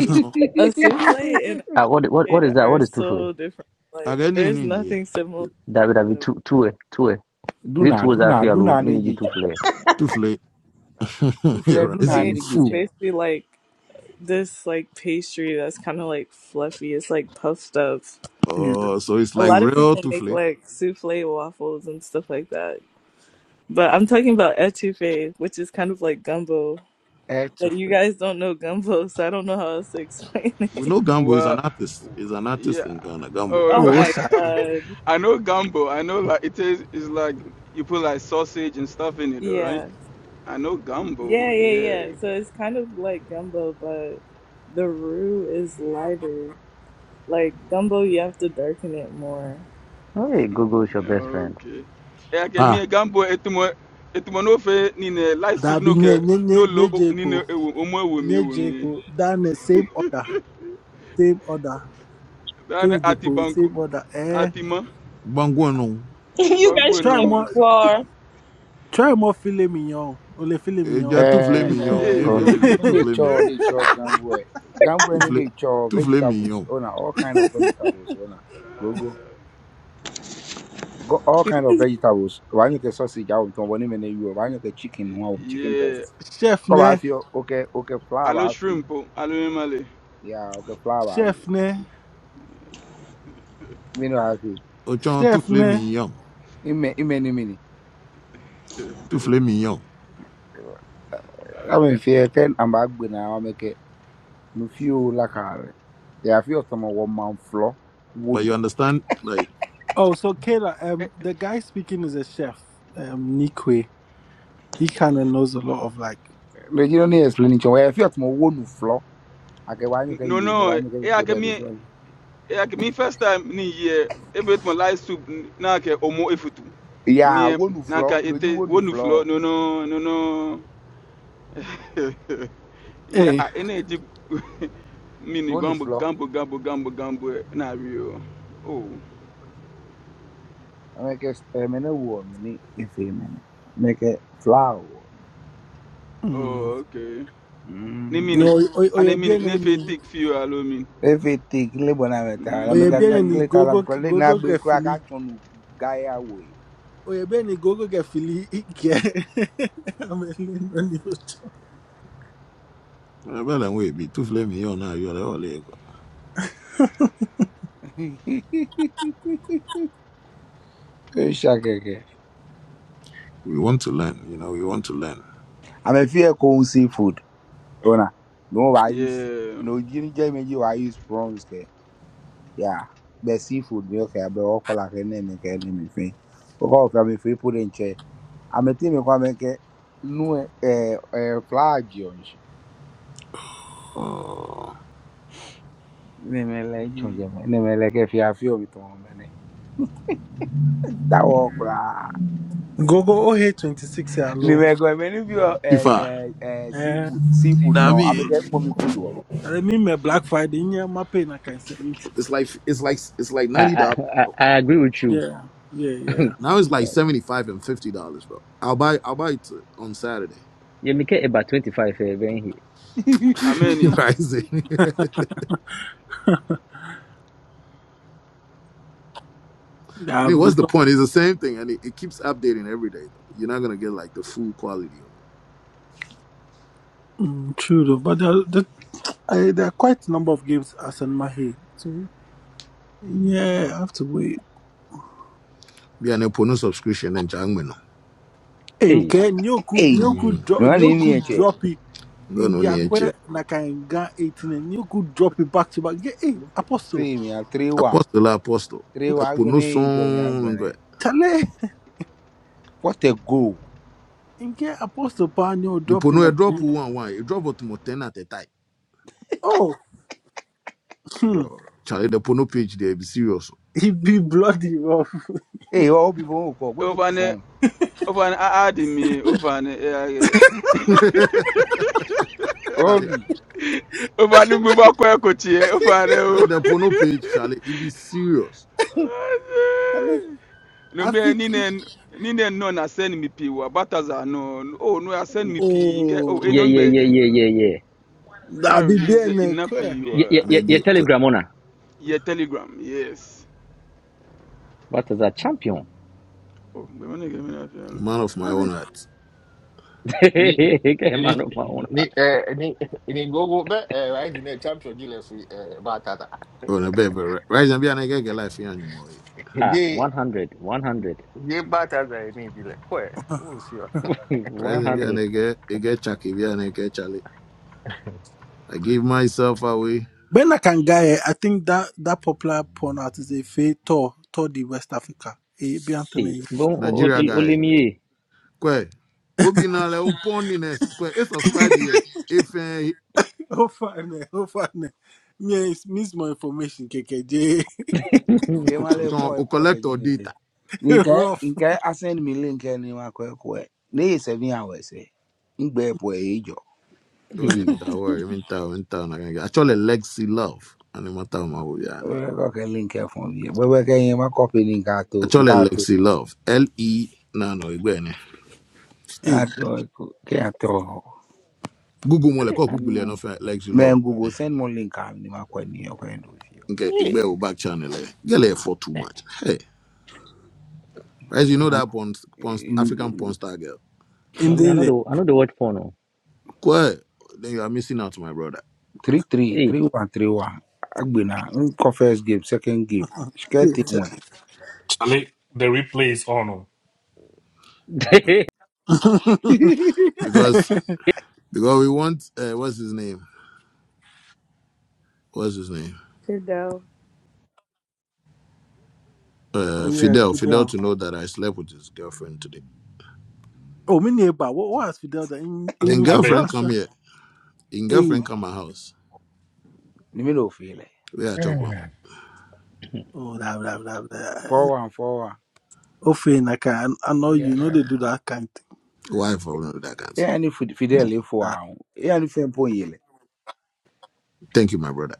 S1: You know,
S4: A souffle and a
S2: Ah, what, what, what
S4: pate
S2: is that?
S4: are
S2: What is tufle?
S4: so different. Like,
S1: again, and
S4: there's
S1: in
S4: nothing similar.
S2: That would have been
S4: The
S2: two, two, two. Is it
S6: Duna,
S2: two that
S6: duna,
S2: feel
S6: duna le
S2: mini G
S6: jichen.
S2: tufle?
S6: Ufle
S1: You're right. It's
S6: duna
S1: a
S4: pate
S6: le
S4: is
S1: fool.
S6: jichen.
S4: basically like this like pastry that's kind of like fluffy. It's like puffed up.
S9: yeah.
S1: Uh, so it's
S4: A
S1: like
S4: lot of
S1: real
S4: people make
S1: Tufle.
S4: like souffle waffles and stuff like that. But I'm talking about etouffee, which is kind of like gumbo.
S6: E
S4: That you
S6: tufle.
S4: guys don't know gumbo, so I don't know how else to explain
S1: We
S4: it.
S1: know Gambo is an
S8: Well,
S1: artist. He's an artist in
S8: yeah.
S1: Ghana. Gambo.
S4: Oh
S8: Oh,
S9: Oh,
S4: my
S9: sorry.
S4: god.
S8: I know gambo. I know like it is. It's like you put like sausage and stuff in it, all right?
S4: Yeah.
S8: I know
S4: Yeah,
S8: gambo.
S4: yeah, yeah.
S8: Yeah.
S4: So it's kind of like gumbo, but the roux is lighter. Like gumbo, you have to darken it more.
S2: Oh, hey, Google is your best friend.
S8: okay eyake
S1: Ah,
S8: mie gambo etumo etumo n'ofe nine light soup
S9: That be
S8: n'oke
S9: ne ne nye
S8: n'olo
S9: nye
S8: o- nine
S9: jepo
S8: ewo omo ewomi
S9: nye
S8: ewomi
S9: jepo. That in the same order, same order.
S8: dani
S9: Kenny
S8: ati
S9: Dipo, it's
S8: banku
S9: it, brother. Eh,
S8: ati mo
S1: Bangu no.
S10: you guys
S8: banku
S10: should
S9: try
S8: eno
S9: more,
S10: explore.
S9: try more filet mignon. Ole filet
S1: Eh, Tu
S9: mignon.
S1: as tout flé
S6: Eh,
S8: ee
S1: mignon.
S6: eh,
S1: J'ai
S8: ee
S2: Um,
S1: flé
S6: gogu
S1: mignon.
S6: no
S1: Tout
S6: le
S1: flé
S6: cho,
S1: mignon.
S6: le cho gambwe. Gambwe
S1: Tout
S6: no
S1: flé,
S6: le cho
S1: tout flé
S6: vegetables.
S1: mignon.
S6: Ona, all kind of vegetables. Ona, gogo. Go, go. Go, all
S4: You
S6: kind of
S4: guys
S6: vegetables. Wanyo ke sausage awon ton wani mene yuwa. Wanyo ke chicken huwa wum, chicken
S8: ye
S6: breast.
S9: chef
S6: Kwa ba
S9: ne,
S6: afi, okay, okay, flour ba
S8: alo
S6: afi.
S8: shrimp o alo emale
S6: Yeah, okay, flour ba
S9: chef
S6: afi.
S9: ne,
S6: Mino afi.
S1: Ochon, tout
S9: chef
S1: flé
S9: ne.
S1: mignon.
S6: Ime ime ni mini.
S1: Tout flé mignon.
S6: Ame fie ten amba agbe na ameke no fio la kare. Ya fio tomo wo man flo
S1: But
S6: wonu.
S1: you understand, like,
S9: Oh, so Kayla,
S8: Eh,
S9: um, the guy speaking is a chef, um, Nikwe. He kind of knows a lot of like,
S6: Le jino ni explain cho. Ya fio tomo wonu flo. Ake wanyo ke
S8: no
S6: yu mo
S8: no
S6: wanyo ke
S8: eyake
S6: pote de
S8: mie
S6: so.
S8: like me first time ni year everything like soup na ke omo efutu
S6: Ya
S8: me
S6: wonu
S8: na
S6: flo
S8: ka
S6: lo ji
S8: ete
S6: wonu
S8: wonu flo
S6: flo.
S8: no no no no ya
S9: eh,
S8: a ene ji mini
S6: Wonu
S8: gambo
S6: flo.
S8: gambo gambo gambo gambo na rio oh
S6: Ameke mene wo mini ife mene. Meke flower. woman.
S9: mm.
S8: oh okay ni
S6: Mm.
S9: no,
S8: mini and mini
S9: oyebiene
S8: ne fe
S9: ni,
S8: take few allow me
S6: Everything le bona meta. La meka
S9: oyebiene ni
S8: mm
S6: le tala
S9: gogo
S6: ko le na
S9: gogo
S6: gbe kra
S9: gefili,
S6: ka tonu gaya we.
S9: oyebiene ni gogo gefili ike. I'm a little
S1: eh, well, and we be tout flé mignon now. You're like, oh, like,
S6: Shakeke.
S1: we want to learn, you know, we want to learn.
S6: I'm a fear cold seafood. Ona. No, I use
S8: yeah
S6: no Jimmy Jamie you I use prawns ke. Yeah. But seafood me okay, but all call like a name and can name if me. Because I'm a free put in chair. I'm a team come and get no eh eh flag on shi.
S1: Oh,
S6: Nemele
S8: mm.
S6: chonjeme. Nemele ke fiafio bitomo mene. That walk ra.
S9: Gogo oh twenty six
S6: Ni
S9: hello.
S6: me go many of you eh
S1: FIFA.
S6: eh eh
S9: Eh,
S6: seafood seafood
S1: Nah, I
S6: no. I'm a
S1: mean,
S6: get mommy food to.
S9: I remember Black Friday, yeah, my pain, I can say.
S1: it's like, it's like, it's like
S2: I,
S1: $90,
S2: I, I,
S1: bro.
S2: I agree with you.
S9: Yeah, yeah, yeah.
S1: Now it's like 75 and $50, bro. I'll buy, I'll buy it on Saturday.
S2: Yeah, make it about 25 eh, ben here.
S8: ameni
S1: Rising. I
S9: Yeah,
S1: mean,
S9: I've
S1: what's the
S9: become
S1: point? It's the same thing, and it, it keeps updating every day. Though. You're not gonna get like the full quality of it.
S9: mm, true, though. But there, there, I, there are quite a number of games as in my head. So,
S1: Mm.
S9: yeah, I have to wait.
S1: Yeah, and a subscription and jangmeno.
S9: And
S2: Hey.
S9: Ken, you could,
S6: Hey.
S9: you
S1: Mm.
S9: could drop,
S6: No ni
S9: you
S6: ni
S9: could
S6: eche.
S9: drop it.
S1: No,
S9: In
S1: no, ni eche.
S9: Kiakwe, Nakanga 18, and you could drop it back to back. Yeah, Hey, Apostle,
S6: See me a three one.
S1: Apostle, la apostle.
S6: Three
S1: A
S6: one
S1: pono
S6: gonna join me I'm
S1: song.
S6: gonna.
S9: Chale,
S6: What a goal.
S9: in Ke Apostle Pa, Nyo,
S1: Ni
S9: drop it
S1: pono a drop
S9: dropping.
S1: one one. You drop to mo ten at a time,
S9: Oh, hmm,
S1: bro. Charlie, the pono page there be serious.
S9: he be bloody rough.
S6: Hey, Obi bon ko book
S8: over ne
S6: phone.
S8: Ofan adi mi ofan
S1: Charlie, Charlie,
S6: Obi.
S8: ofan mo bá kọ́ ẹ̀kọ́ tiẹ̀ ofan ẹ o.
S1: the pono page, Charlie, it be serious.
S9: Chale, I
S8: Lomi ẹ
S9: think,
S8: nínú
S9: he-
S8: ẹ nínú ẹ nọ na send mi pii wa bataza nọ o nọ ya send mi pii nke o
S9: oh.
S8: eno
S2: Yeah, yeah, yeah,
S8: ngbẹ̀jẹ̀
S2: yeah, yeah, yeah.
S8: na
S9: I'll be there
S8: release
S9: in a
S8: iná
S9: clear.
S8: pii wa
S2: Yeah, yeah, yeah, yeah,
S1: Energy,
S2: Telegram owner.
S8: yẹ telegram yes.
S2: What is that? Champion.
S8: Oh, bẹ́ẹ̀ ni kẹ́mi náà fi hàn
S1: man of my
S9: I mean,
S1: own heart.
S11: ni
S2: Okay,
S11: ni
S2: man of my own heart.
S11: ni eh ni ni go go be eh right in the champion dealer for eh batata.
S1: Oh, no, baby, right? Right, and be an egg life here anymore. eh?
S2: Ah,
S11: Ye
S2: 100, 100,
S11: ye batata ni dealer. Kwe, we'll see.
S2: one hundred.
S1: I give myself away.
S9: Ben Akangaye, I think that that popular porn artist is Faye Tor, Tor the West Africa. Eh, be
S2: Eh,
S9: Anthony.
S2: bon, o- o-
S1: Nigeria
S2: o- only
S1: guy.
S2: me.
S1: Kwe. Obi le un Kwe. E subscribe here. If eh,
S9: Oh, fine, eh, oh, fine. eh. Me, is miss more information, KKJ.
S6: E ma le ko e ko ka
S1: collect or
S6: jini te.
S1: data.
S6: Nke
S9: Rough.
S6: nke asend mi link ni ma ko e ko. e. Ni seven hours e. Ngbe po e jo.
S1: Oh yeah,
S2: Hey,
S1: make I worry. I'm in town, in town. Actually, Lexi Love. And I'm town ma wo no.
S6: E ko ka link e phone bi. Bo bo ka yin ma copy ni nka to
S1: Actually,
S6: nka to.
S1: Lexi Love. L E na no igbe ni.
S6: Nka
S9: Hey,
S6: to ko ke a to.
S1: Google mo le ko
S2: man,
S1: Google e no
S2: man.
S1: fe Lexi Love.
S6: Men Google send mo link am ni ma ko ni o ko ndo
S1: Okay, igbe
S11: Hey,
S1: o back channel e. Get le for too much. Hey. As you know that porn, porn, African
S6: fi.
S1: porn star girl.
S9: in
S2: no, me, I know
S9: the
S2: the, I know the word for no.
S1: Why? then you are missing out, my brother,
S6: three three
S2: Eh.
S6: three one three one agbena nkɔ first game second game shikɛti
S9: theater.
S6: win
S12: Charlie, the replay is on. Oh.
S1: because because we want uh, what's his name? What's his name?
S4: are Good though.
S9: oh,
S1: Uh,
S9: yeah,
S1: Fidel. Fidel
S9: Fidel.
S1: to know that I slept with his girlfriend today.
S9: Oh, me neighbor. What what has Fidel? done? In, in
S12: Charlie,
S1: In
S9: New
S12: I beg.
S9: Fidel,
S1: girlfriend, come
S9: sir.
S1: here. In
S9: Hey.
S1: girlfriend, come my house.
S6: nimi na ofin lɛ
S1: We are chop on.
S9: Oh, blah, blah, blah, blah.
S6: four one four one
S9: Oh, fine, I, can, I know you know they do that kind of
S1: Wife, I that can't.
S6: eya ni Fid- fidel fo
S9: thing.
S6: ahun eya ni fɛnpo yin lɛ
S1: Thank you, my brother.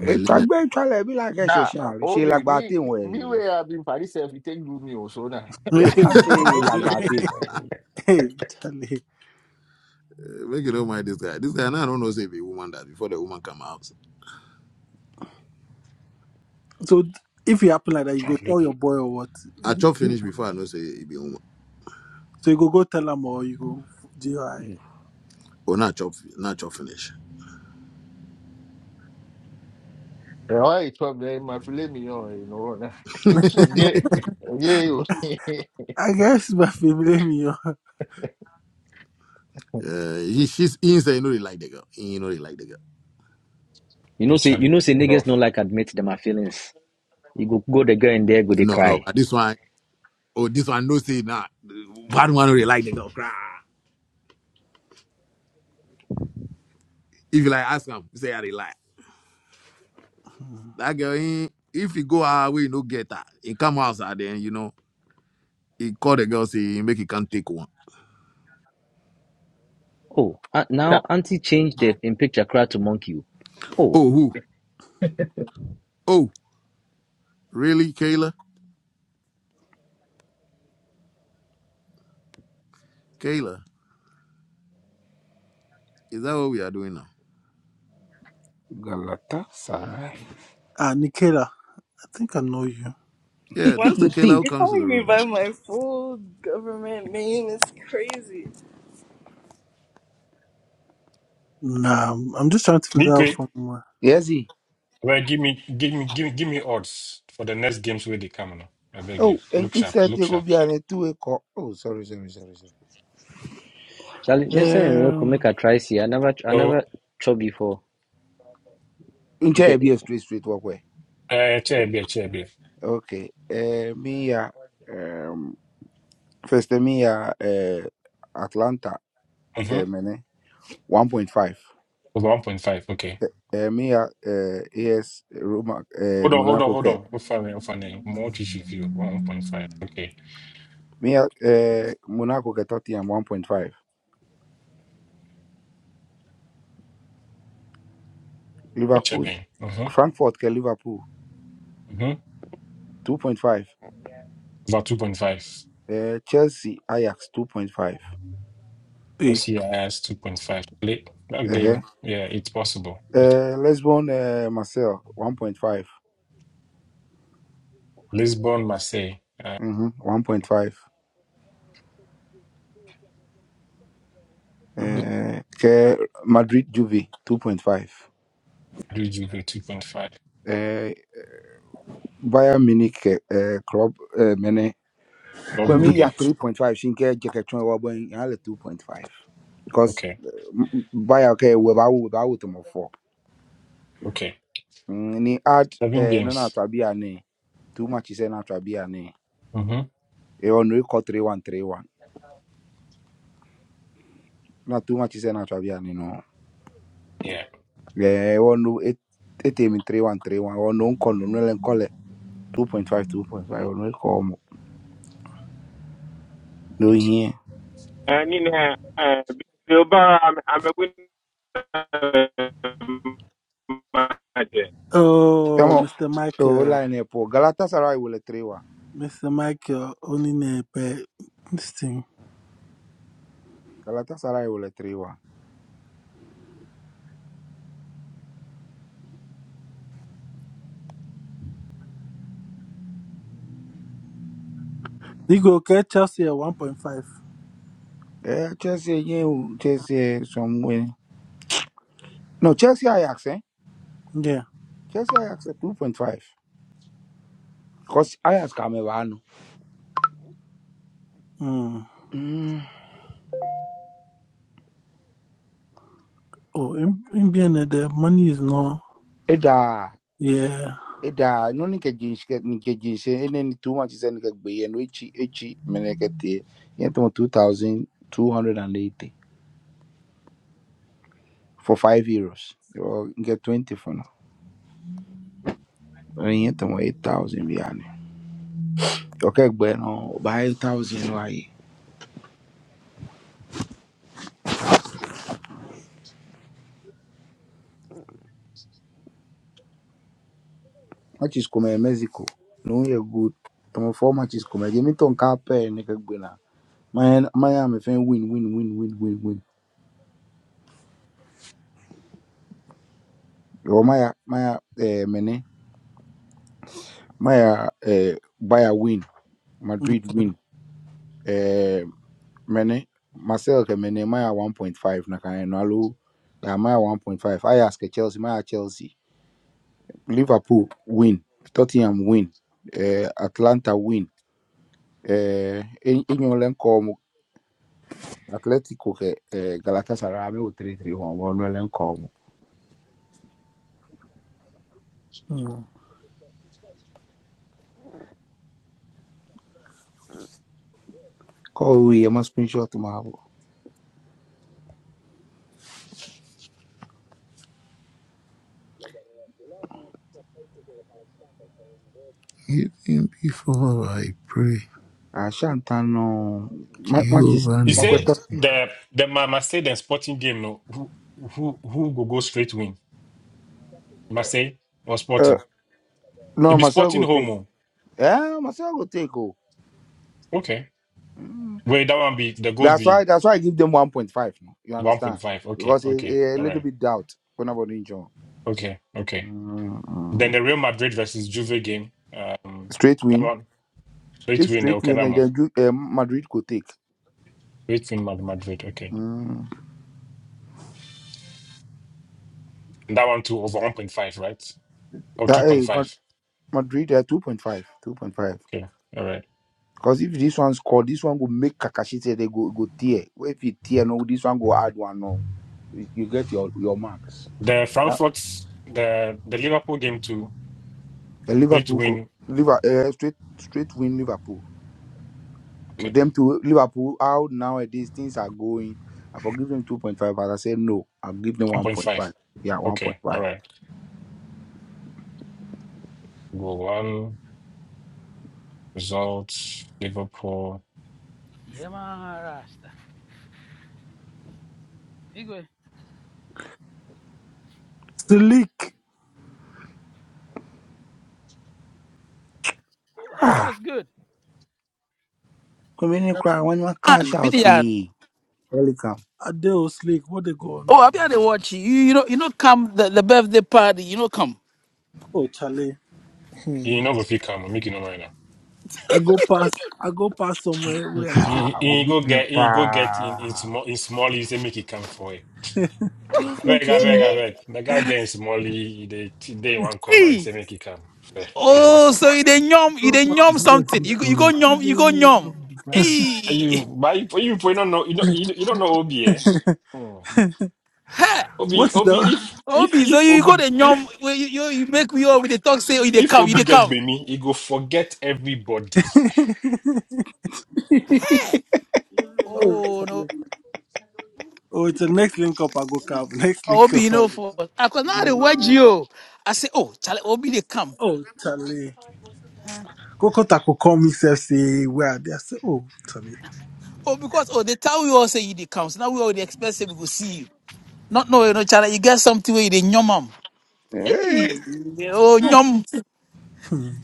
S1: My
S6: ètò
S1: linen.
S6: àgbẹ̀ ètò alẹ̀ bí làákẹ́ ṣe
S11: nah,
S6: ṣe àrùn ṣe
S11: Obi,
S6: làgbà
S11: me
S6: tí ìwọ̀n
S11: me
S6: ẹ̀yẹ lọ
S11: where I've been Paris if you take good news, so na.
S6: ìyá
S9: Hey,
S6: sá ṣe
S9: Tale.
S6: làgbà tí ìwọ̀n ẹ̀yẹ lọ.
S9: Hey, Tale.
S1: Uh, make you don't mind this guy. This guy now I don't know say be woman that before the woman come out.
S9: So if it happen like that, you go
S6: chale
S9: tell your boy or what?
S1: I chop finish before I know say he be woman.
S9: So you go go tell him or you go GI. I
S6: mm,
S1: Or not chop, not chop finish.
S11: Eh, why it's from there, my filet mignon, you know, na. Yeah, yeah, you.
S9: I guess my family me. oh.
S11: Yeah,
S1: Uh, he, she's he say you know he like the girl. He know he like the girl.
S2: you know,
S12: Okay,
S2: say, you
S12: Charlie,
S2: know, say
S12: bro.
S2: niggas don't like admit them my feelings. You go, go the girl in there, go they
S1: No, no,
S2: cry.
S1: but this one. Oh, this one no say nah. One one they like the girl cry. If you like ask him, say I they like.
S9: Hmm.
S1: That girl, he, if he go our way, no get her. He come outside then, you know, he call the girl, say he make he can't take one.
S2: Oh, uh, now auntie changed the in picture cry to monkey. Oh,
S1: Oh, who? Oh, really, Kayla? Kayla, is that what we are doing now?
S6: galatasaray
S9: Ah, Nikela. I think I know you.
S1: Yeah,
S4: Why
S1: that's the
S6: you
S1: Kayla
S6: think
S1: who
S4: you're
S1: comes to
S4: calling
S1: the
S4: me
S1: room.
S4: by my full government name? It's crazy.
S9: Nah, I'm I'm just trying to figure out
S12: Nikwe,
S9: from where.
S6: yes e
S12: well, give me, give me, give me, give me odds for the next games where they come now. I beg you.
S6: oh
S12: Look
S6: enkin
S12: sharp,
S6: sẹ́ẹ̀tì
S12: look
S6: kò
S12: sharp.
S6: bí ara ẹ̀ tú ẹ̀kọ́ oh sorry sorry sorry sorry.
S2: Charlie, next time we go make a try see. I never, I never
S12: So,
S2: try before.
S6: ǹjẹ́
S2: Okay,
S6: ẹ̀ bí ẹ̀ straight straight wọ́pẹ́.
S12: uh, chair beer, chair beer.
S6: Okay. Uh, me uh, um first uh, me uh, uh Atlanta
S12: Mm-hmm.
S6: ke mene 1.5.
S12: Was one point five. Okay.
S6: Uh, me uh, uh AS Roma uh,
S12: Hold on, hold on,
S6: Monaco
S12: hold on.
S6: ke
S12: What for? What for? More tissue view. One point five. Okay.
S6: me uh, uh Monaco ke Tottenham 1.5.
S12: What chair
S6: Liverpool
S12: man? Mm-hmm.
S6: Frankfurt ke Liverpool
S12: Mm-hmm.
S6: 2.5.
S12: About two point five.
S6: Uh, Chelsea Ajax 2.5.
S9: Hey.
S12: OCIS two point five. Late that
S6: Uh-huh.
S12: game. Yeah, it's possible. It's
S6: Uh, Lisbon uh, Marcel 1.5.
S12: Lisbon, Marseille,
S6: Mm-hmm. 1.5.
S9: Mhm.
S6: Uh, ke Madrid Juve 2.5.
S12: Juju two point five.
S6: Bayern Munich uh, club uh, many
S12: Not
S6: Kwame ya
S12: Brugge.
S6: 3.5 Shinke Jeketron Wabon Yale 2.5 because
S12: Okay.
S6: uh, Bayern okay we ba we ba to mo 4
S12: Okay.
S6: ni add
S12: Seven
S6: uh, no na
S12: games.
S6: trabia ni too much is na trabia ni
S12: Mm-hmm.
S6: e on we call 3131 na too much is na trabia ni no
S12: Yeah.
S6: eh on no it it 3131 on no call no len call 2.5 2.5 on we call no
S12: Right.
S6: here
S13: And in eh, bi oba a me- amegu ne ma agye
S9: Oh,
S6: come on
S9: Mr.
S6: oh
S9: Michael.
S6: line e po Galatasaray will 3
S9: Mr. Michael only name but this thing.
S6: Galatasaray will at 3 1.
S9: You go get Chelsea at one point five.
S6: Eh, Chelsea, yeah, Chelsea, somewhere. No, Chelsea Ajax, eh?
S9: Yeah.
S6: Chelsea Ajax at 2.5. Because Ajax come around.
S9: Mm.
S6: Mm.
S9: Oh, in, in being there, the money is not.
S6: Eda,
S9: Yeah.
S6: Eda, no ni ke jinsh ke ni ke jinsh eh, ni too much is ni ke be and which each menekete. Yeah, to 2280 for 5 euros. Or get 20 for now. And yeah, to 8000 biane. Okay, bueno, buy 1000 why? matches come Mexico na onyɛ good tɔmɔfoɔ matches come gye me tɔn kaa pɛɛ ne ka gbe na maya maya me fɛn win win win win win win yɛwɔ maya maya ɛɛ mɛne maya ɛɛ Bayer win Madrid win ɛɛ mɛne Marcel kɛ mɛne maya one point five na kan yɛ no alo yɛ maya one point five Ajax kɛ Chelsea maya Chelsea Liverpool win Tottenham win ɛɛ Atlanta win ɛɛ enyo lɛ nkɔɔ Atletico ke eh, Galatasaray me wo 3-3 wɔn wɔn no len call mo.
S9: Mm.
S6: Call we e ma screenshot ma bo.
S1: Even before I pray.
S6: Ah Shantan no ma matches
S1: Jehovah
S12: You
S6: ma
S12: say
S6: kwesta
S1: needs.
S12: the the Ma- Marseille and Sporting game, no? Who who who go go straight win? Marseille or
S6: eh
S12: Sporting?
S6: no
S12: It be
S6: Marcel
S12: Sporting
S6: go take.
S12: home. oh.
S6: Eh Marcel go take oh.
S12: Okay.
S6: Mm.
S12: Wait, that one be the goals
S6: That's
S12: be
S6: why that's why I give them 1.5 no. You
S12: one
S6: understand?
S12: point five. Okay.
S6: Because it,
S12: Okay.
S6: it, a
S12: All
S6: little
S12: right.
S6: bit doubt when about injury.
S12: Okay. Okay.
S6: Mm.
S12: Then
S6: mm.
S12: the Real Madrid versus Juve game. Um,
S6: Straight
S12: that
S6: win.
S12: one straight
S6: If
S12: win.
S6: straight
S12: Okay,
S6: win
S12: that
S6: eh,
S12: one
S6: then you- eh, Madrid could take.
S12: straight win. Mad- Madrid. Okay.
S6: Mm.
S12: And that one too over one point five, right? Or two
S6: That,
S12: point
S6: eh, Ma-
S12: five.
S6: Madrid eh, 2.5 2.5.
S12: Okay. All right.
S6: Because if this one score, this one go make Kakashi say they go go tear. Well, If he tear, no, this one go add one. No, you you get your your marks.
S12: The
S6: Yeah,
S12: Frankfurt, the the Liverpool game too.
S6: And
S12: Three to
S6: Liverpool go
S12: win.
S6: Liverpool uh, straight straight win Liverpool. With
S12: Okay,
S6: them to Liverpool how nowadays things are going. I forgive them two point five, but I said no. I'll give them
S12: one
S6: one
S12: point
S6: point
S12: five.
S6: five. Yeah, one point
S12: Okay, all
S6: five.
S12: right. Go one results. Liverpool.
S14: Yeah man, Rasta. Igwe,
S9: Slick.
S14: wh- what's
S6: Ah,
S14: good?
S6: come in and cry when you
S14: Man,
S6: cash out
S14: Midian.
S6: the welcome.
S9: Adele Slick. What they go on?
S14: Oh, I'll be at the watch. You, you know, you know, come the, the birthday party. You know, come.
S9: Oh, Charlie.
S12: You
S9: Mm.
S12: know, if you come, make it no right now.
S9: I go past. I go past somewhere
S12: You,
S9: where I
S6: Ah,
S12: you,
S6: will
S12: you
S6: give
S12: go
S6: me
S12: get, you go get in in
S6: pa.
S12: small in small. You say make it come for it.
S9: say,
S6: Twelve
S12: I beg, I
S6: months.
S12: beg, I beg. The guy there in small, He they they one corner. He
S14: Hey.
S12: say make it come. Eh, we
S14: Oh,
S12: master.
S14: so you then yum, you then
S6: Rothman
S14: yum
S6: is not
S14: something.
S6: his
S14: You go- you go
S6: correct. He
S14: yum,
S6: go
S14: you go
S6: marry
S14: yum.
S6: one of the bride.
S12: Are
S14: Hey.
S12: you, but you, you, you probably don't know, you don't, you don't you don't know Obi, eh? Hmm.
S14: Ha.
S12: Obi,
S9: "What's
S12: Obi,
S9: the?"
S12: if if
S14: Obi, so
S12: if
S14: you go
S12: Obi,
S14: the yum.
S12: if
S14: well, You, you you make me all with the talk say oh, you they
S12: If
S14: come, you
S12: Obi
S14: they
S12: get
S14: come.
S12: Bemi, he go forget everybody.
S14: Hey.
S9: oh,
S14: Oh
S9: Charlie.
S14: no.
S9: Oh, it's the next link up. I go cab. Next link up.
S14: Obi
S9: I
S14: no
S9: go.
S14: for. I could now the watch you. I say oh, Charlie Obi they come.
S9: Oh, Charlie. Coco Taco call me self say where are they? I say, oh, Charlie.
S14: Oh because oh they tell we all say you they come. So now we all the expensive we go see you. Not no, you know, Charlie, you get something where you dey nyom am. Hey,
S6: Eh,
S14: oh nyom.
S9: Hmm.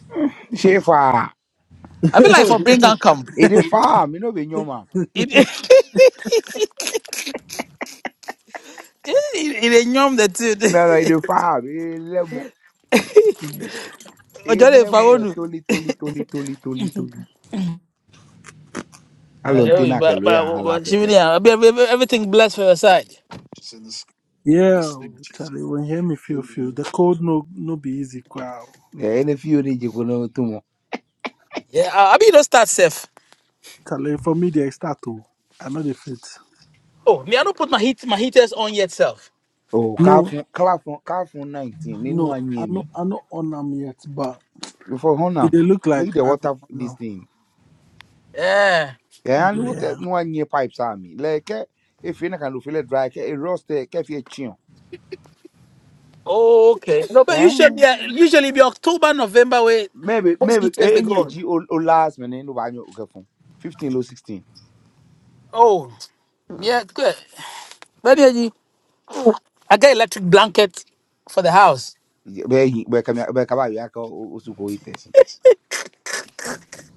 S6: ṣe fà
S14: I be like for bring and come.
S6: èdè fà mí náà bẹ yan mà
S14: It it a nyom that it.
S6: náírà èdè fà ẹlẹmọ
S14: Ojo dey
S6: ẹlẹmọ lẹ
S14: fawonu.
S6: tólí tólí tólí tólí tólí tólí. alọ ń
S14: Yo,
S6: tẹ́nà
S14: but
S6: kẹlẹ́ yà
S14: but
S6: hàn la
S14: but
S6: kẹ̀kẹ́
S14: Shivini,
S6: tó
S14: I be every- every- everything blessed for your side.
S9: yeah, oh, Charlie. When you hear me, feel feel the code no no be easy. Wow,
S6: ẹ ẹni fi yóò díje kó náà tó mọ
S14: Yeah, I I be no start safe.
S9: Charlie. For me, they start to. I know they fit.
S14: Oh, me I don't put my heat my heaters on yet self.
S6: ò ká
S9: No.
S6: fún ká fún ká fún nineteen nínú
S9: No,
S6: àyìn
S9: I
S6: ẹ̀mí
S9: know I know on them yet, but
S6: before hona
S9: it they look like
S6: make the
S9: I go
S6: water this
S9: on
S6: thing
S14: Yeah.
S6: ẹ̀ á ní water
S9: them.
S6: nínú àyìn pipe sáà mi lẹ́ẹ̀kẹ́ efi náà kàn lófin lẹ́ dry kẹ́ ẹ rust ẹ̀ kẹ́ fi ẹ̀
S14: Oh, okay. No, but
S6: chiyan
S14: usually yeah, usually be October November where
S6: maybe
S14: most
S6: maybe
S14: heaters
S6: e,
S14: they go
S6: enye
S14: on.
S6: ji o o last minute no banyo o kefun 15 lo 16
S14: Oh, yeah, good. Baby, I got electric blanket for the house.
S6: be hi be kam be ka ba ya ka o su ko ites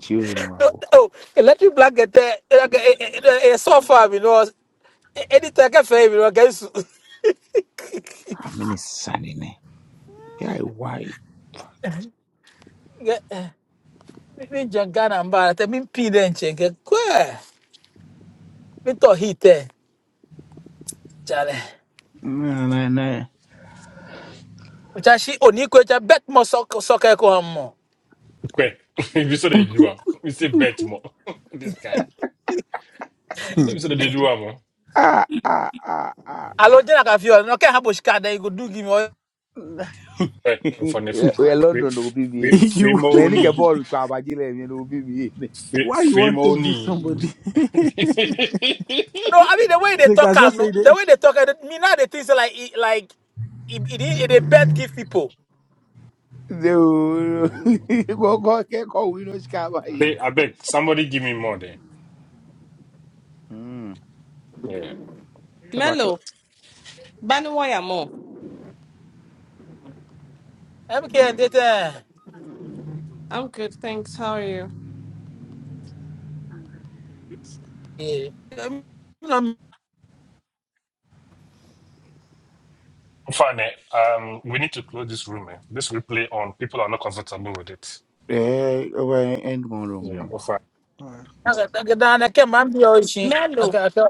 S6: chi o ni ma
S14: No,
S6: o
S14: oh, electric blanket, eh, like a, a, a sofa, you know. eh, eh, Anything I can feel, you know, guys.
S6: a mini sani ne ya e, why
S14: Me jangana mbara, te min pi den chenge, kwe. Me to hite, chale.
S6: na na na
S14: Ucha shi oni kwe cha bet mo sok soke ko hammo.
S12: Okay. If you saw the do am, we say bet more. this guy.
S9: Yeah.
S12: Let me saw the do am. oh.
S6: ah ah ah ah
S14: Alo jena ka fiyo, no ke habo shika you go do give me. all-
S12: Right. For next.
S6: we are
S12: Fe-
S6: london no bi bi
S12: fe-
S6: ni
S9: you
S12: Fame
S6: me ni ke
S12: only.
S6: ball tu abaji le mi no bi bi ni
S12: Fe-
S9: why you
S12: Fame
S9: want to give
S12: only.
S9: somebody?
S14: No, I mean the way they
S9: like I
S14: talk am,
S9: just say
S14: no, the way
S9: they.
S14: they talk, eh, me now they think say like, it- like, it, it, it, they bet give people.
S6: de o go go ke ko wi no ska ba
S12: Ale,
S6: yi
S12: I beg, somebody give me more there.
S6: mm
S12: Yeah.
S6: ke ba ko
S7: Mello, Banuwaya Mo.
S14: I'm can't get there.
S7: I'm good, thanks. How are you?
S14: I'm Em kìa tê tê. Em kìa tê
S12: Fine. eh, Um, we need to close this room. Eh? This replay on. People are not comfortable with it.
S6: eh o end mo lo
S12: Yeah.
S6: mi
S12: Fine.
S14: tê. Em
S7: Mello.
S14: kìa tê tê.